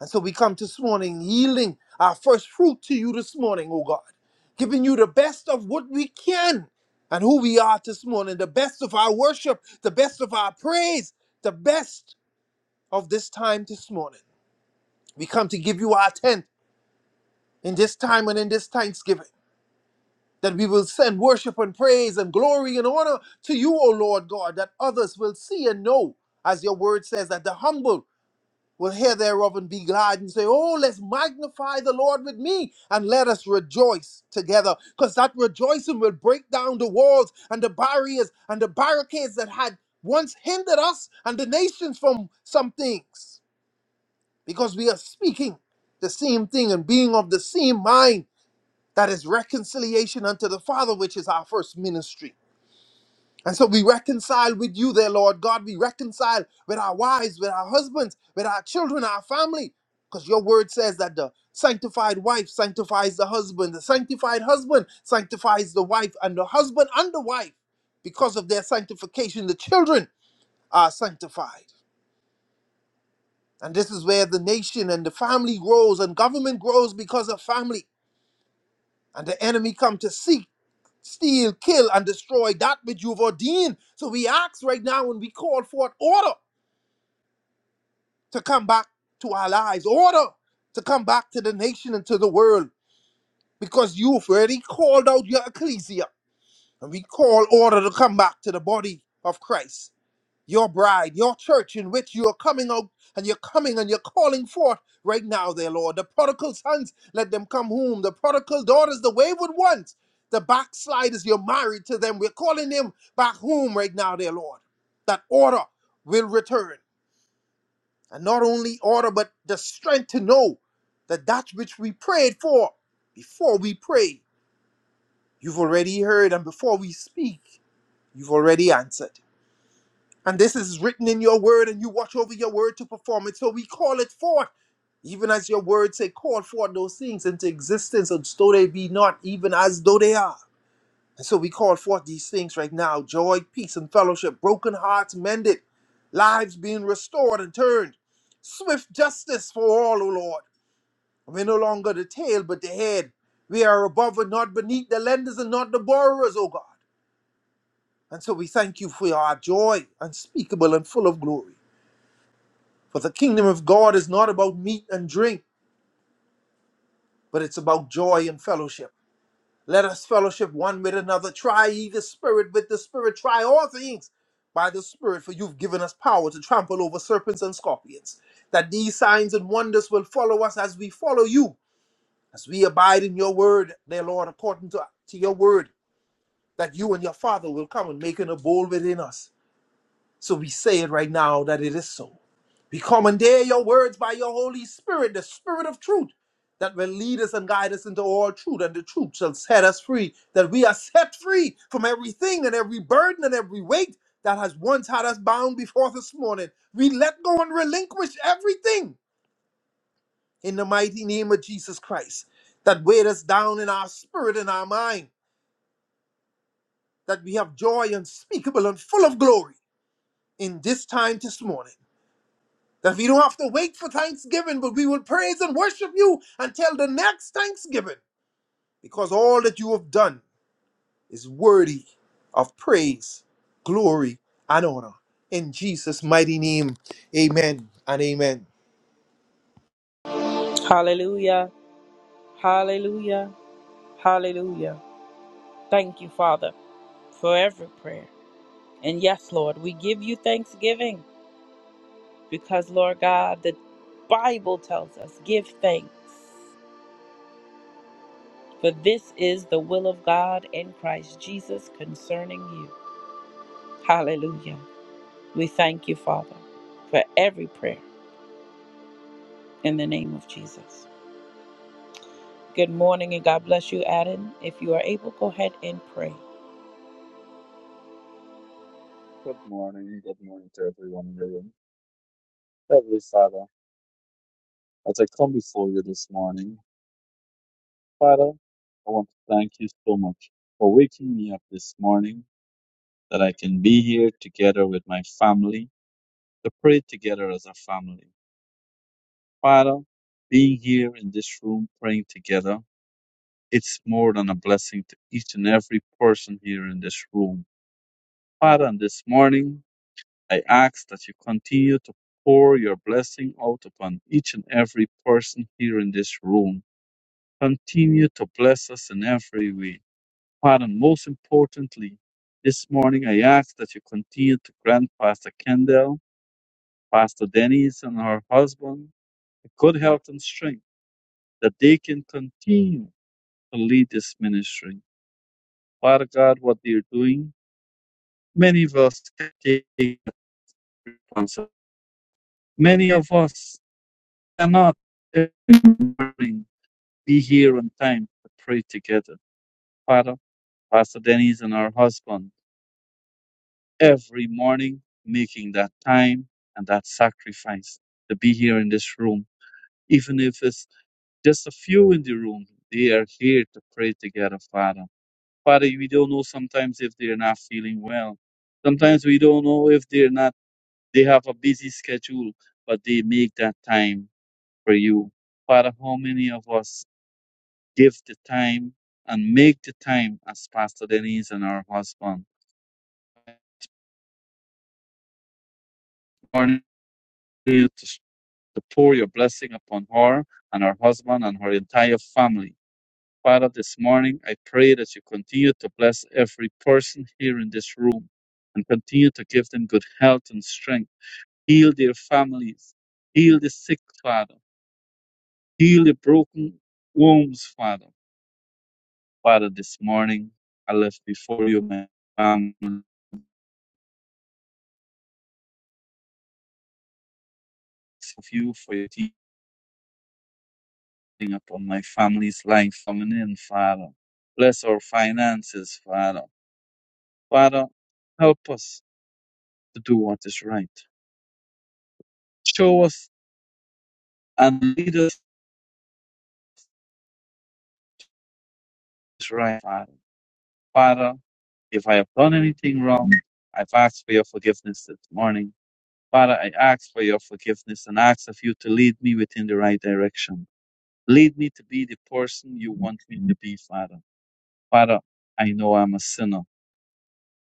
Speaker 6: And so we come this morning yielding our first fruit to you this morning, oh God, giving you the best of what we can and who we are this morning, the best of our worship, the best of our praise, the best of this time this morning. We come to give you our tenth in this time and in this thanksgiving. that we will send worship and praise and glory and honor to you, O Lord God, that others will see and know, as your word says, that the humble will hear thereof and be glad and say, Oh, let's magnify the Lord with me and let us rejoice together. Because that rejoicing will break down the walls and the barriers and the barricades that had once hindered us and the nations from some things. Because we are speaking the same thing and being of the same mind that is reconciliation unto the Father, which is our first ministry. And so we reconcile with you there, Lord God. We reconcile with our wives, with our husbands, with our children, our family. Because your word says that the sanctified wife sanctifies the husband, the sanctified husband sanctifies the wife, and the husband and the wife, because of their sanctification, the children are sanctified. And this is where the nation and the family grows and government grows because of family. And the enemy come to seek steal, kill, and destroy that which you've ordained. So we ask right now and we call forth order to come back to our lives, order to come back to the nation and to the world, because you've already called out your ecclesia. And we call order to come back to the body of Christ. your bride, your church in which you are coming out and you're coming and you're calling forth right now, there, Lord. The prodigal sons, let them come home. The prodigal daughters, the wayward ones, the backsliders, you're married to them. We're calling them back home right now, there, Lord. That order will return. And not only order, but the strength to know that that which we prayed for before we pray, you've already heard. And before we speak, you've already answered. And this is written in your word, and you watch over your word to perform it. So we call it forth, even as your word say, call forth those things into existence, as though they be not, even as though they are. And so we call forth these things right now joy, peace, and fellowship, broken hearts mended, lives being restored and turned, swift justice for all, O Lord. We're no longer the tail, but the head. We are above and not beneath, the lenders and not the borrowers, O God. And so we thank you for our joy, unspeakable and full of glory. For the kingdom of God is not about meat and drink, but it's about joy and fellowship. Let us fellowship one with another. Try ye the Spirit with the Spirit. Try all things by the Spirit, for you've given us power to trample over serpents and scorpions. That these signs and wonders will follow us as we follow you, as we abide in your word, dear Lord, according to, to your word, that you and your Father will come and make an abode within us. So we say it right now that it is so. We commandeer your words by your Holy Spirit, the Spirit of truth, that will lead us and guide us into all truth, and the truth shall set us free, that we are set free from everything and every burden and every weight that has once had us bound before this morning. We let go and relinquish everything in the mighty name of Jesus Christ that weighed us down in our spirit and our mind, that we have joy unspeakable and full of glory in this time this morning. That we don't have to wait for Thanksgiving, but we will praise and worship you until the next Thanksgiving. Because all that you have done is worthy of praise, glory, and honor. In Jesus' mighty name, amen and amen.
Speaker 1: Hallelujah, hallelujah, hallelujah. Thank you, Father, for every prayer. And yes, Lord, we give you thanksgiving because, Lord God, the Bible tells us give thanks, for this is the will of God in Christ Jesus concerning you. Hallelujah. We thank you, Father, for every prayer in the name of Jesus. Good morning and God bless you, Adam. If you are able, go ahead and pray.
Speaker 7: Good morning, good morning to everyone in the room. Heavenly Father, as I come before you this morning, Father, I want to thank you so much for waking me up this morning that I can be here together with my family to pray together as a family. Father, being here in this room praying together, it's more than a blessing to each and every person here in this room. Father, and this morning, I ask that you continue to pour your blessing out upon each and every person here in this room. Continue to bless us in every way. Father, most importantly, this morning I ask that you continue to grant Pastor Kendall, Pastor Denise, and her husband good health and strength that they can continue to lead this ministry. Father God, what they're doing, many of us can take responsibility. Many of us cannot uh, be here on time to pray together. Father, Pastor Denise and our husband, every morning making that time and that sacrifice to be here in this room, even if it's just a few in the room, they are here to pray together, Father. Father, we don't know sometimes if they're not feeling well. Sometimes we don't know if they're not, they have a busy schedule, but they make that time for you. Father, how many of us give the time and make the time as Pastor Denise and our husband. Lord, you to, to pour your blessing upon her and her husband and her entire family. Father, this morning I pray that you continue to bless every person here in this room and continue to give them good health and strength. Heal their families. Heal the sick, Father. Heal the broken wombs, Father. Father, this morning I lift before you my family, of you for your teaching. upon my family's life coming in, Father. Bless our finances, Father. Father, help us to do what is right. Show us and lead us what is right, Father. Father, if I have done anything wrong, I've asked for your forgiveness this morning. Father, I ask for your forgiveness and ask of you to lead me within the right direction. Lead me to be the person you want me to be, Father. Father, I know I'm a sinner.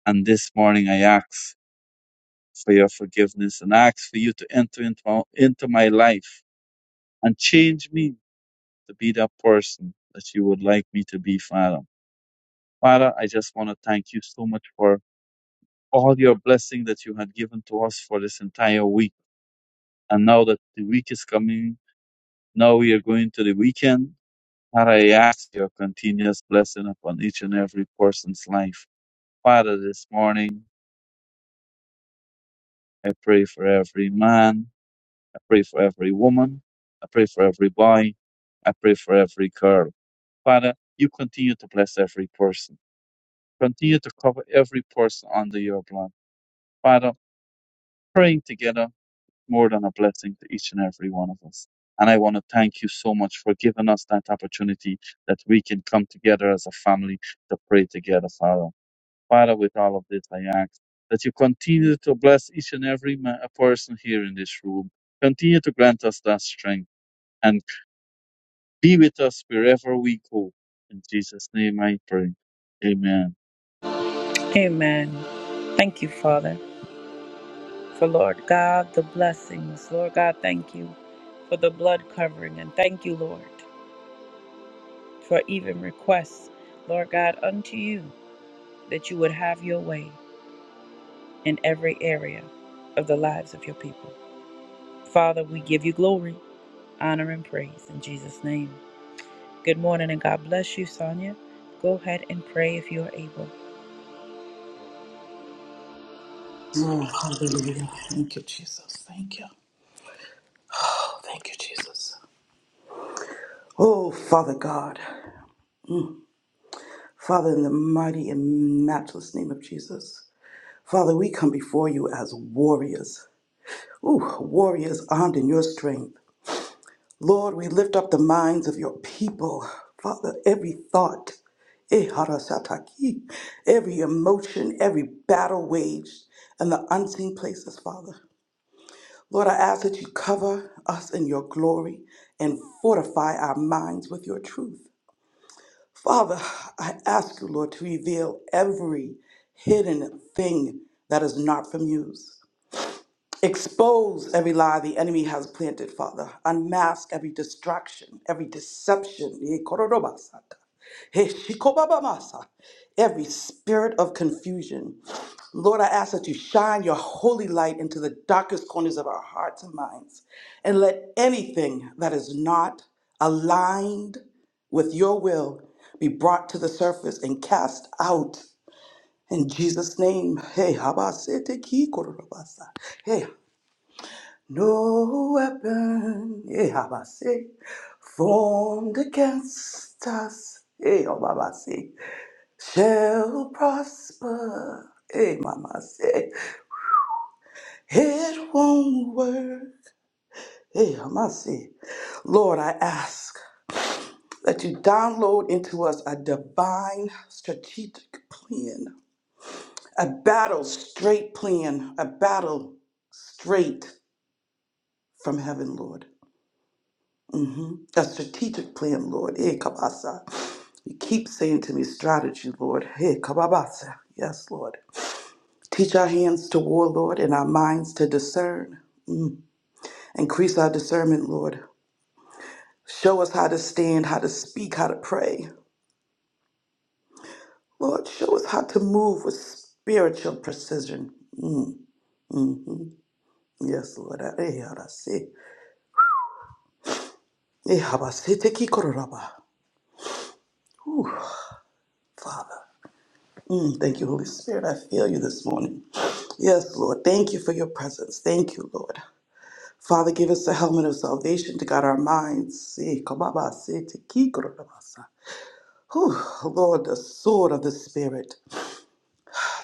Speaker 7: And this morning I ask for your forgiveness and ask for you to enter into my, into my life and change me to be that person that you would like me to be, Father. Father, I just want to thank you so much for all your blessing that you had given to us for this entire week. And now that the week is coming, now we are going to the weekend. Father, I ask your continuous blessing upon each and every person's life. Father, this morning, I pray for every man. I pray for every woman. I pray for every boy. I pray for every girl. Father, you continue to bless every person. Continue to cover every person under your blood. Father, praying together more than a blessing to each and every one of us. And I want to thank you so much for giving us that opportunity that we can come together as a family to pray together, Father. Father, with all of this, I ask that you continue to bless each and every ma- person here in this room. Continue to grant us that strength and. Be with us wherever we go. In Jesus' name I pray. Amen.
Speaker 1: Amen. Thank you, Father, for Lord God, the blessings. Lord God, thank you for the blood covering. And thank you, Lord. for even requests, Lord God, unto you that you would have your way in every area of the lives of your people. Father, we give you glory, honor, and praise in Jesus' name. Good morning and God bless you, Sonia. Go ahead and pray if you are able.
Speaker 8: Oh, hallelujah. Thank you, Jesus. Thank you. Oh, thank you, Jesus. Oh, Father God. Father, in the mighty and matchless name of Jesus. Father, we come before you as warriors. Ooh, warriors armed in your strength. Lord, we lift up the minds of your people. Father, every thought, eh, harasataki, every emotion, every battle waged in the unseen places, Father. Lord, I ask that you cover us in your glory and fortify our minds with your truth. Father, I ask you, Lord, to reveal every hidden thing that is not from you. Expose every lie the enemy has planted, Father. Unmask every distraction, every deception. Ye korodobasata. He shikobabamasa. Every spirit of confusion. Lord, I ask that you shine your holy light into the darkest corners of our hearts and minds. And let anything that is not aligned with your will be brought to the surface and cast out in Jesus' name. Hey, habasete ki korobasa. Hey, no weapon, eh, Abba, say, formed against us, eh, oh, Baba, say, shall prosper, eh, Mama, say, it won't work, eh, Mama, say. Lord, I ask that you download into us a divine strategic plan, a battle straight plan, a battle straight from heaven, Lord. Mhm. A strategic plan, Lord. Eh, kabasa. You keep saying to me, strategy, Lord. Hey, kababasa. Yes, Lord. Teach our hands to war, Lord, and our minds to discern. Increase our discernment, Lord. Show us how to stand, how to speak, how to pray. Lord, show us how to move with spiritual precision. Yes, Lord. Eh, arasi. Eh, habasi, te kikororaba. Father. Mm, thank you, Holy Spirit. I feel you this morning. Yes, Lord. Thank you for your presence. Thank you, Lord. Father, give us the helmet of salvation to guard our minds. Eh, kababa, se, te, ki, korobasa. Whew, Lord, the sword of the Spirit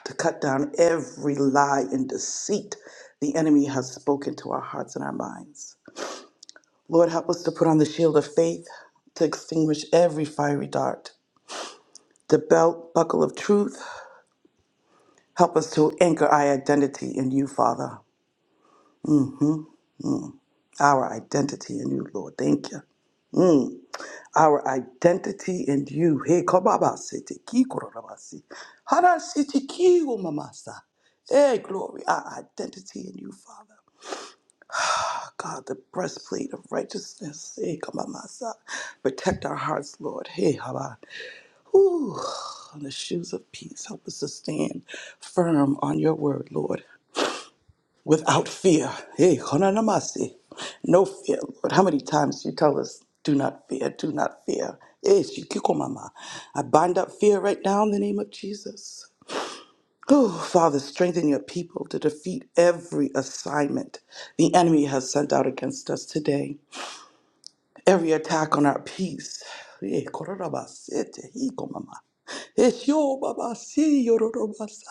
Speaker 8: to cut down every lie and deceit the enemy has spoken to our hearts and our minds. Lord, help us to put on the shield of faith to extinguish every fiery dart, the belt buckle of truth. Help us to anchor our identity in you, Father, our identity in you, Lord. Thank you. our identity in you. He kobaba siti ki kororabasi. Hara siti ki umamasa. Hey, glory, our identity in you, Father. My God, the breastplate of righteousness. Hey, kamamasa. Protect our hearts, Lord. Hey, haba. Whew. On the shoes of peace, help us to stand firm on your word, Lord without fear. Hey, konanamasi. No fear, Lord. How many times you tell us, do not fear, do not fear. Hey, shikiko mama. I bind up fear right now in the name of Jesus. Oh, Father, strengthen your people to defeat every assignment the enemy has sent out against us today. Every attack on our peace. Hey, koranamasi, te hiko mama. Hey, shio baba, si yororobasaya.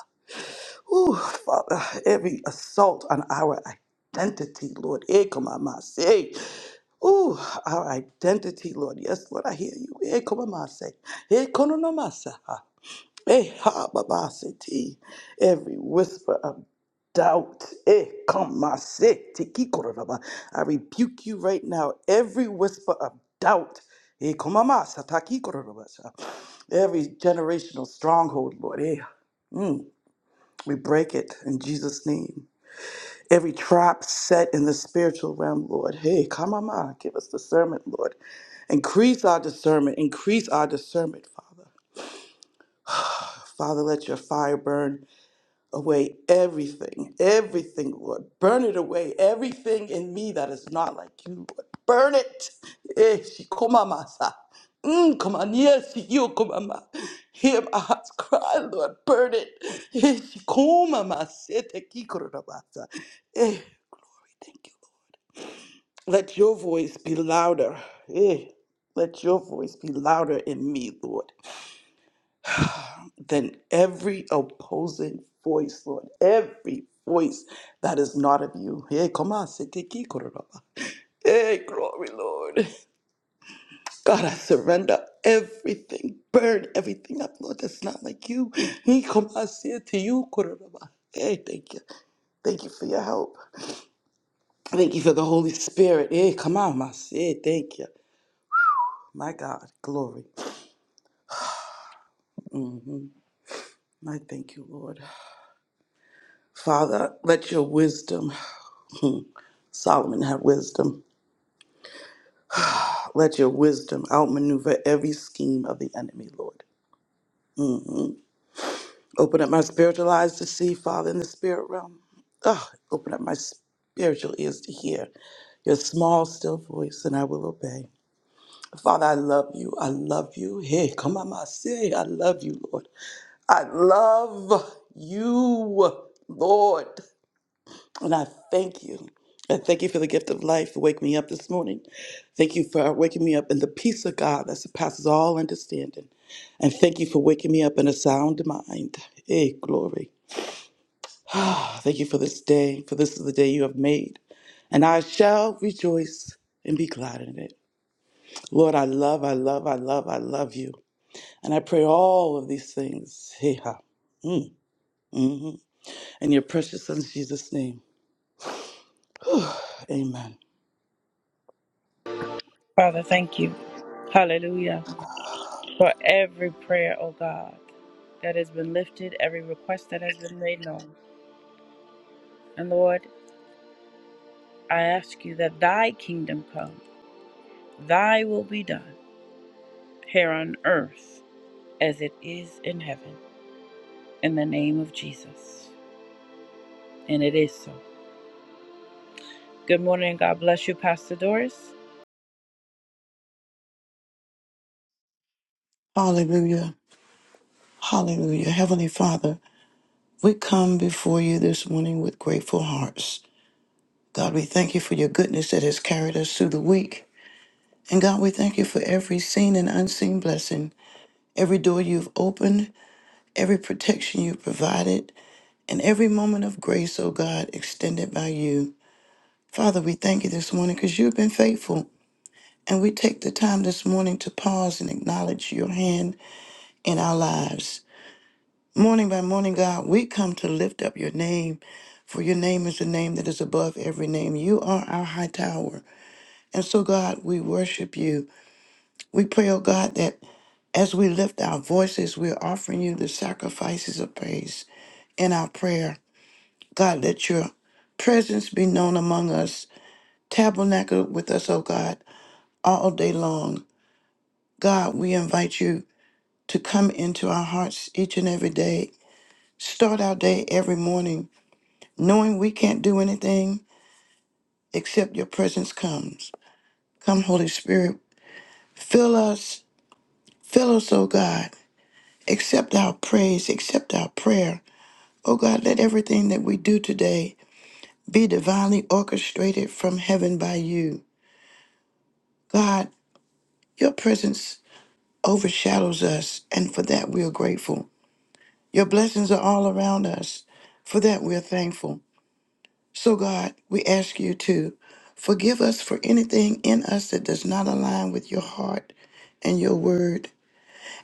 Speaker 8: Ooh, Father, every assault on our identity, Lord. Eh, come on, my say. Ooh, our identity, Lord. Yes, Lord, I hear you. Eh, come on, my say. Eh, kono no ma sa, ha. Eh, ha, ba, ba, se, ti. Every whisper of doubt. Eh, come, my say. Ti, ki, kono no ma. I rebuke you right now. Every whisper of doubt. Eh, come on, ma sa, ta, ki, kono no ma sa. Every generational stronghold, Lord. Eh, we break it in Jesus' name. Every trap set in the spiritual realm, Lord. Hey, come on, ma, give us discernment, Lord. Increase our discernment. Increase our discernment, Father. Father, let your fire burn away everything, everything, Lord. Burn it away, everything in me that is not like you, Lord. Burn it. Eh, shikomamasa. Mm, Come on, yes, you come on. ma. Hear my heart's cry, Lord. Burn it. Eh, shikomamasa. te kikororabasa. Eh, we thank you. Let your voice be louder. Eh, Let your voice be louder in me, Lord, than every opposing voice, Lord. Every voice that is not of you. Eh, come on, sitiki kororaba. Eh, glory, Lord. God, I surrender everything. Burn everything up, Lord, that's not like you. Eh, Come on, say it to you, kororaba. Eh, thank you. Thank you for your help. Thank you for the Holy Spirit. Eh, come on, my Sid. Thank you. My God, glory. I thank you, Lord. Father, let your wisdom, Solomon have wisdom, let your wisdom outmaneuver every scheme of the enemy, Lord. Open up my spiritual eyes to see, Father, in the spirit realm. Ah, open up my spiritual ears to hear your small, still voice, and I will obey. Father, I love you. I love you. Hey, come on, my say, I love you, Lord. I love you, Lord. And I thank you. I thank you for the gift of life for waking me up this morning. Thank you for waking me up in the peace of God that surpasses all understanding. And thank you for waking me up in a sound mind. Hey, glory. Ah, thank you for this day, for this is the day you have made. And I shall rejoice and be glad in it. Lord, I love, I love, I love, I love you. And I pray all of these things. Hey, ha. Mm, mhm. In your precious son, Jesus' name. Amen.
Speaker 1: Father, thank you. Hallelujah. For every prayer, oh God, that has been lifted, every request that has been made known. And Lord, I ask you that thy kingdom come, thy will be done here on earth as it is in heaven, in the name of Jesus. And it is so. Good morning. God bless you, Pastor Doris.
Speaker 9: Hallelujah. Hallelujah. Heavenly Father, we come before you this morning with grateful hearts. God, we thank you for your goodness that has carried us through the week. And God, we thank you for every seen and unseen blessing, every door you've opened, every protection you've provided, and every moment of grace, oh God, extended by you. Father, we thank you this morning because you've been faithful. And we take the time this morning to pause and acknowledge your hand in our lives. Morning by morning, God, we come to lift up your name, for your name is the name that is above every name. You are our high tower. And so, God, we worship you. We pray, oh God, that as we lift our voices, we're offering you the sacrifices of praise in our prayer. God, let your presence be known among us. Tabernacle with us, oh God, all day long. God, we invite you to come into our hearts each and every day. Start our day every morning knowing we can't do anything except your presence comes. Come, Holy Spirit, fill us, fill us, oh God. Accept our praise, accept our prayer. Oh God, let everything that we do today be divinely orchestrated from heaven by you. God, your presence overshadows us, and for that we are grateful. Your blessings are all around us. For that we are thankful. So, God, we ask you to forgive us for anything in us that does not align with your heart and your word.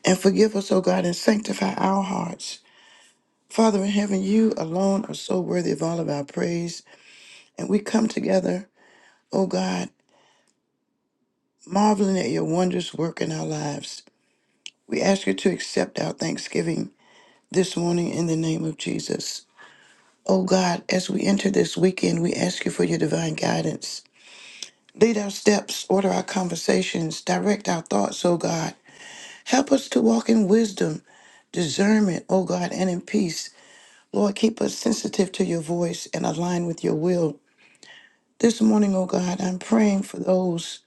Speaker 9: And forgive us, O God, and sanctify our hearts. Father in heaven, you alone are so worthy of all of our praise. And we come together, O God, marveling at your wondrous work in our lives. We ask you to accept our thanksgiving this morning in the name of Jesus. O God, as we enter this weekend, we ask you for your divine guidance. Lead our steps, order our conversations, direct our thoughts, O God. Help us to walk in wisdom, discernment, O God, and in peace. Lord, keep us sensitive to your voice and aligned with your will. This morning, O God, I'm praying for those,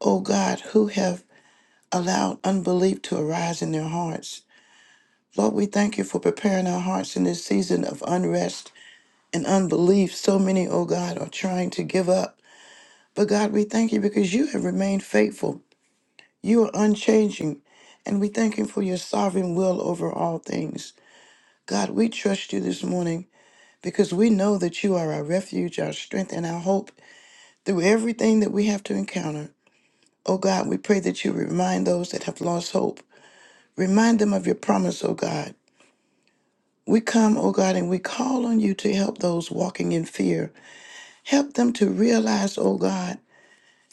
Speaker 9: O God, who have allowed unbelief to arise in their hearts. Lord, we thank you for preparing our hearts in this season of unrest and unbelief. So many, O God, are trying to give up. But God, we thank you because you have remained faithful. You are unchanging, and we thank Him for your sovereign will over all things. God, we trust you this morning because we know that you are our refuge, our strength, and our hope through everything that we have to encounter. Oh God, we pray that you remind those that have lost hope. Remind them of your promise, oh God. We come, oh God, and we call on you to help those walking in fear. Help them to realize, oh God,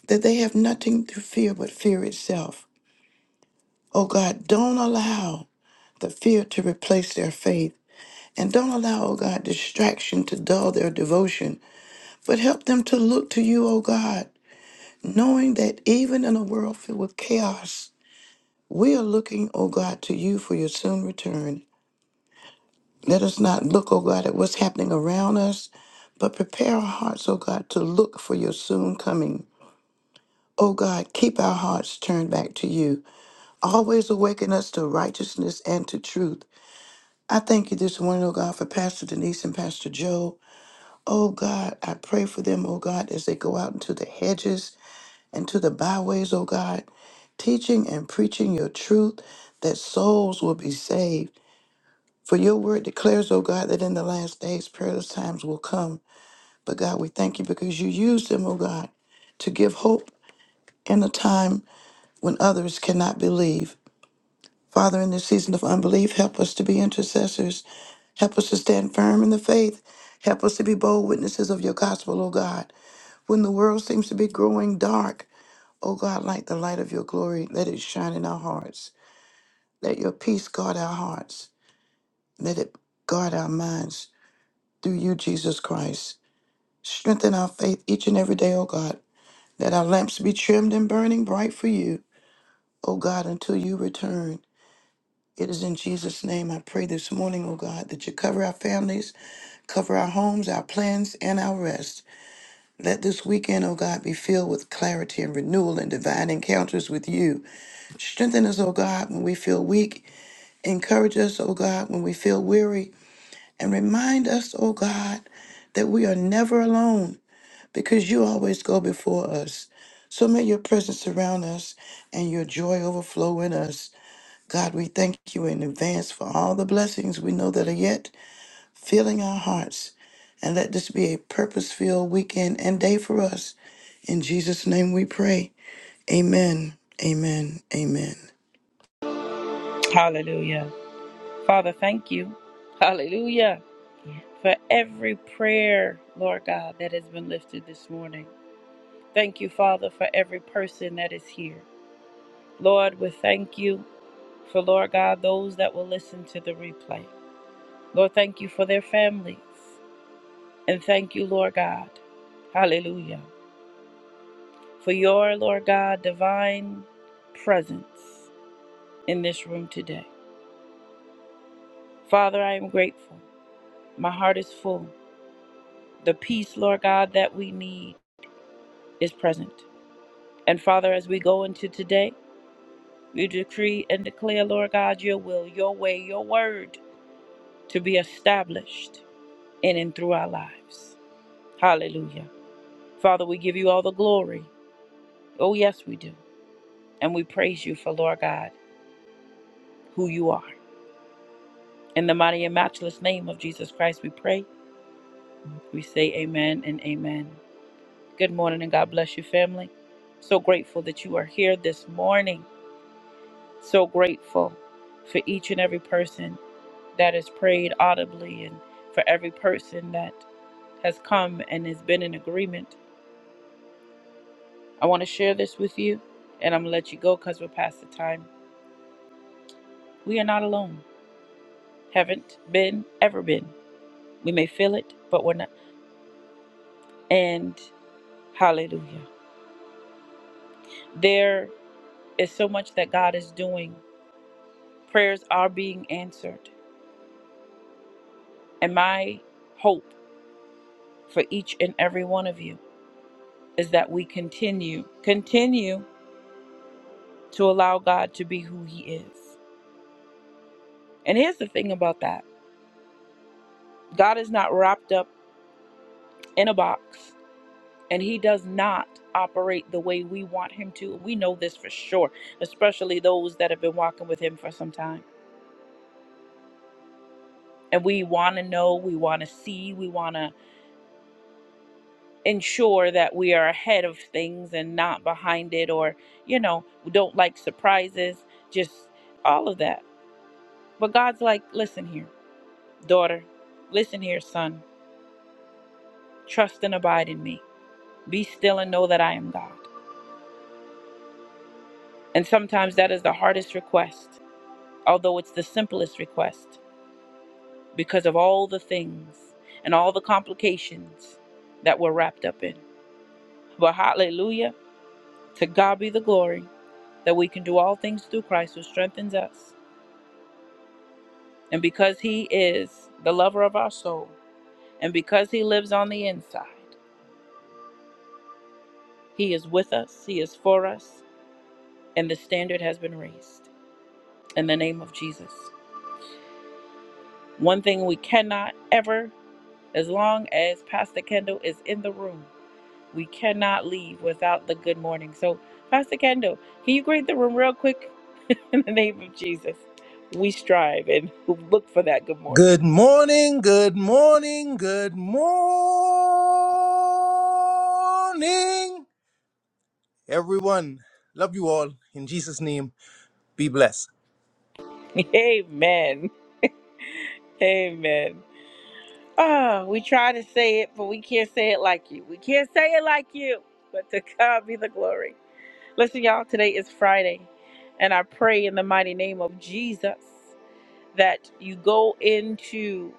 Speaker 9: that they have nothing to fear but fear itself. Oh God, don't allow the fear to replace their faith. And don't allow, O God, distraction to dull their devotion, but help them to look to you, O God, knowing that even in a world filled with chaos, we are looking, O God, to you for your soon return. Let us not look, O God, at what's happening around us, but prepare our hearts, O God, to look for your soon coming. O God, keep our hearts turned back to you, always awaken us to righteousness and to truth. I thank you this morning, O God, for Pastor Denise and Pastor Joe. Oh God, I pray for them, oh God, as they go out into the hedges and to the byways, oh God, teaching and preaching your truth that souls will be saved. For your word declares, oh God, that in the last days perilous times will come. But God, we thank you because you used them, oh God, to give hope in a time when others cannot believe. Father, in this season of unbelief, help us to be intercessors. Help us to stand firm in the faith. Help us to be bold witnesses of your gospel, O God. When the world seems to be growing dark, oh God, like the light of your glory, let it shine in our hearts. Let your peace guard our hearts. Let it guard our minds through you, Jesus Christ. Strengthen our faith each and every day, oh God. Let our lamps be trimmed and burning bright for you, oh God, until you return. It is in Jesus' name I pray this morning, oh God, that you cover our families, cover our homes, our plans, and our rest. Let this weekend, oh God, be filled with clarity and renewal and divine encounters with you. Strengthen us, O God, when we feel weak. Encourage us, O God, when we feel weary. And remind us, O God, that we are never alone because you always go before us. So may your presence surround us and your joy overflow in us. God, we thank you in advance for all the blessings we know that are yet filling our hearts. And let this be a purpose filled weekend and day for us. In Jesus' name we pray. Amen. Amen. Amen.
Speaker 1: Hallelujah. Father, thank you. Hallelujah. For every prayer, Lord God, that has been lifted this morning. Thank you, Father, for every person that is here. Lord, we thank you for, Lord God, those that will listen to the replay. Lord, thank you for their families. And thank you, Lord God. Hallelujah for your, Lord God, divine presence in this room today. Father, I am grateful. My heart is full. The peace, Lord God, that we need is present. And Father, as we go into today, we decree and declare, Lord God, your will, your way, your word to be established in and through our lives. Hallelujah. Father, we give you all the glory. Oh, yes, we do. And we praise you for, Lord God, who you are. In the mighty and matchless name of Jesus Christ, we pray We say amen and amen. Good morning and God bless you, family. So grateful that you are here this morning. So grateful for each and every person that has prayed audibly and for every person that has come and has been in agreement. I want to share this with you and I'm going to let you go because we're past the time. We are not alone. Haven't been, ever been. We may feel it, but we're not. And hallelujah. There is so much that God is doing Prayers are being answered. And my hope for each and every one of you is that we continue, continue to allow God to be who He is. And here's the thing about that God is not wrapped up in a box, and He does not operate the way we want Him to. We know this for sure, especially those that have been walking with Him for some time. And we want to know, we want to see, we want to ensure that we are ahead of things and not behind it or you know we don't like surprises just all of that but god's like listen here daughter listen here son trust and abide in me be still and know that i am god and sometimes that is the hardest request although it's the simplest request because of all the things and all the complications that we're wrapped up in but hallelujah to god be the glory that we can do all things through christ who strengthens us And because He is the lover of our soul, and because He lives on the inside, He is with us, He is for us, and the standard has been raised in the name of Jesus. One thing we cannot ever, as long as Pastor Kendall is in the room, we cannot leave without the good morning. So, Pastor Kendall, can you greet the room real quick in the name of Jesus? We strive and look for that good morning.
Speaker 6: Good morning, good morning, good morning, everyone. Love you all. In Jesus' name, be blessed.
Speaker 1: Amen. Amen. Oh, we try to say it, but we can't say it like you. We can't say it like you. But to God be the glory. Listen, y'all, today is Friday. And I pray in the mighty name of Jesus that you go into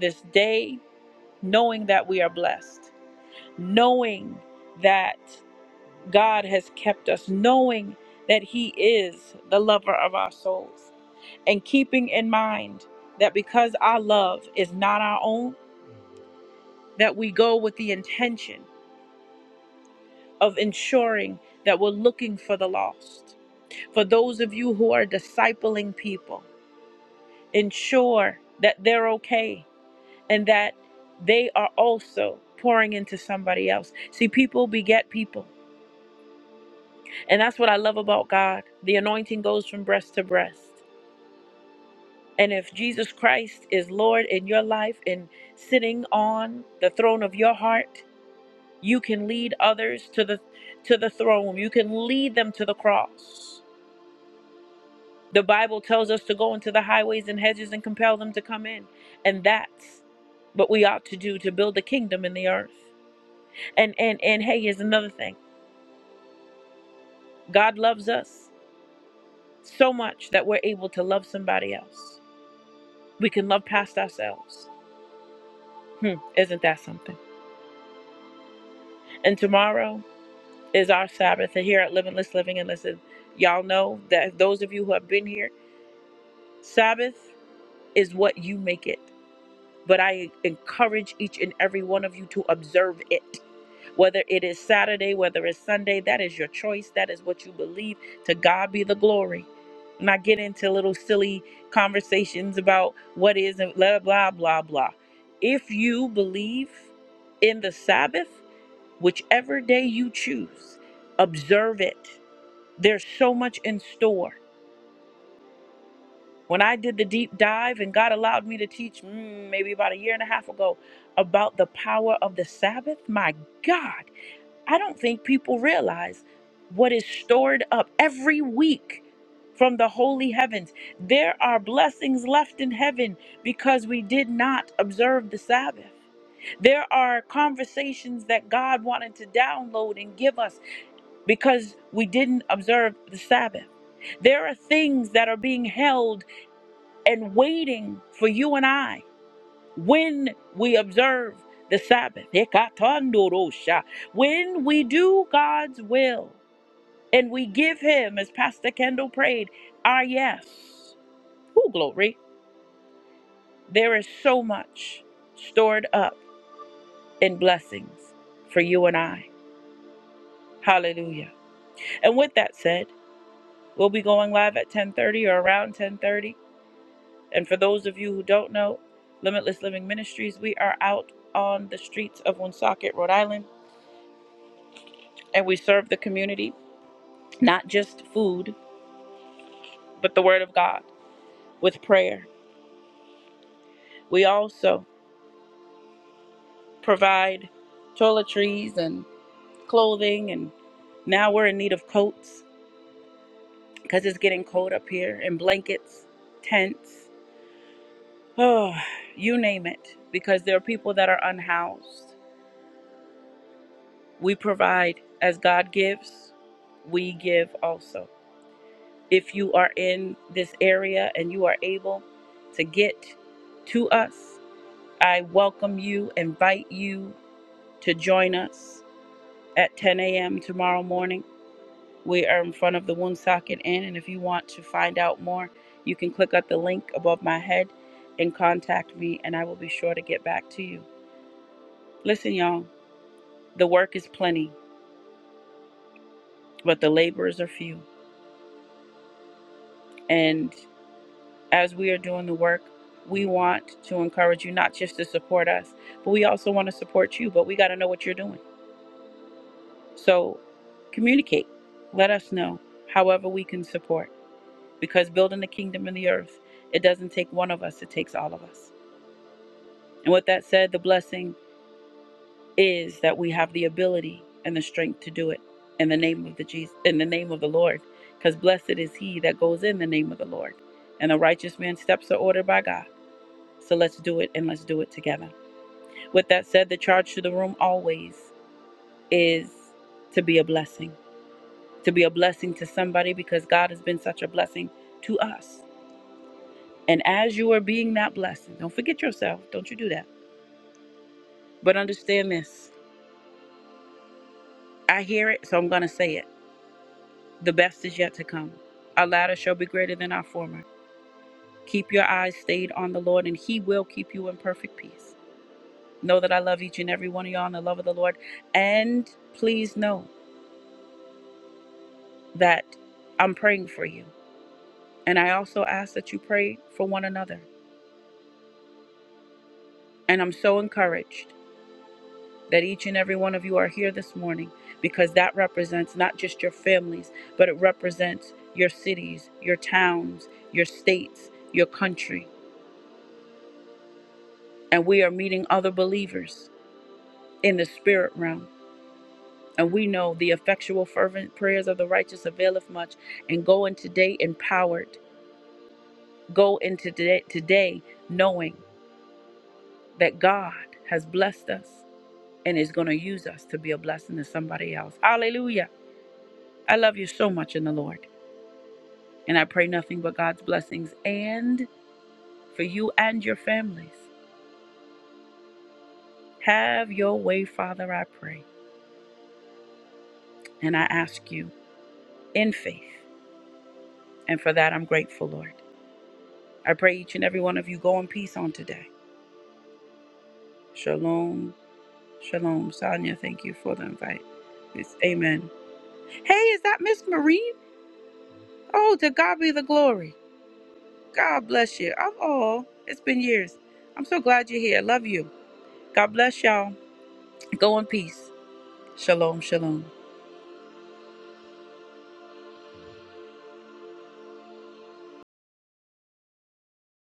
Speaker 1: this day knowing that we are blessed, knowing that God has kept us, knowing that He is the lover of our souls, and keeping in mind that because our love is not our own, that we go with the intention. of ensuring that we're looking for the lost. For those of you who are discipling people, ensure that they're okay and that they are also pouring into somebody else. See, people beget people. And that's what I love about God. The anointing goes from breast to breast. And if Jesus Christ is Lord in your life and sitting on the throne of your heart, you can lead others to the to the throne. You can lead them to the cross The Bible tells us to go into the highways and hedges and compel them to come in. And that's what we ought to do to build the kingdom in the earth. And and and hey, here's another thing. God loves us so much that we're able to love somebody else. We can love past ourselves. Hmm, isn't that something? And tomorrow is our Sabbath here at Living List Living and Listen. Y'all know that those of you who have been here, Sabbath is what you make it. But I encourage each and every one of you to observe it Whether it is Saturday, whether it's Sunday, that is your choice. That is what you believe. To God be the glory. Not get into little silly conversations about what is and blah, blah, blah, blah. If you believe in the Sabbath, whichever day you choose, observe it. There's so much in store. When I did the deep dive and God allowed me to teach mm, maybe about a year and a half ago about the power of the Sabbath, my God I don't think people realize what is stored up every week from the holy heavens. There are blessings left in heaven because we did not observe the Sabbath. There are conversations that God wanted to download and give us because we didn't observe the Sabbath. There are things that are being held and waiting for you and I when we observe the Sabbath, Ekatandorosha, when we do God's will and we give Him, as Pastor Kendall prayed, our yes. Who glory? There is so much stored up in blessings for you and I. Hallelujah. And with that said, we'll be going live at 10:30 or around 10:30. And for those of you who don't know, Limitless Living Ministries, we are out on the streets of Woonsocket, Rhode Island, and we serve the community not just food, but the Word of God with prayer. We also provide toiletries and clothing, and now we're in need of coats because it's getting cold up here, and blankets, tents, oh, you name it, because there are people that are unhoused. We provide as God gives, we give also. If you are in this area and you are able to get to us, I welcome you, invite you, to join us at 10 a.m. tomorrow morning. We are in front of the Woonsocket Inn, and if you want to find out more, you can click at the link above my head and contact me, and I will be sure to get back to you. Listen, y'all, the work is plenty, but the laborers are few. And as we are doing the work, we want to encourage you not just to support us, but we also want to support you, but we got to know what you're doing. So communicate. Let us know however we can support. because building the kingdom in the earth, it doesn't take one of us, it takes all of us. And with that said, the blessing is that we have the ability and the strength to do it in the name of the Jesus, in the name of the Lord, because blessed is he that goes in the name of the Lord. And the righteous man's steps are ordered by God. So let's do it and let's do it together. With that said, the charge to the room always is to be a blessing, to be a blessing to somebody because God has been such a blessing to us. And as you are being that blessing, don't forget yourself. Don't you do that. But understand this. I hear it, so I'm going to say it. The best is yet to come. Our latter shall be greater than our former. Keep your eyes stayed on the Lord, and He will keep you in perfect peace. Know that I love each and every one of y'all in the love of the Lord. And please know that I'm praying for you. And I also ask that you pray for one another. And I'm so encouraged. that each and every one of you are here this morning because that represents not just your families, but it represents your cities, your towns, your states, your country. And we are meeting other believers in the spirit realm. And we know the effectual, fervent prayers of the righteous availeth much. And go in today empowered. Go into today, today knowing that God has blessed us and is going to use us to be a blessing to somebody else. Hallelujah. I love you so much in the Lord. And I pray nothing but God's blessings and for you and your families. Have your way, Father, I pray. And I ask you in faith. And for that, I'm grateful, Lord. I pray each and every one of you go in peace on today. Shalom. Shalom. Sonia, thank you for the invite. It's amen. Hey, is that Miss Marie? Oh, to God be the glory. God bless you. Of all, it's been years. I'm so glad you're here. Love you. God bless y'all. Go in peace. Shalom, shalom.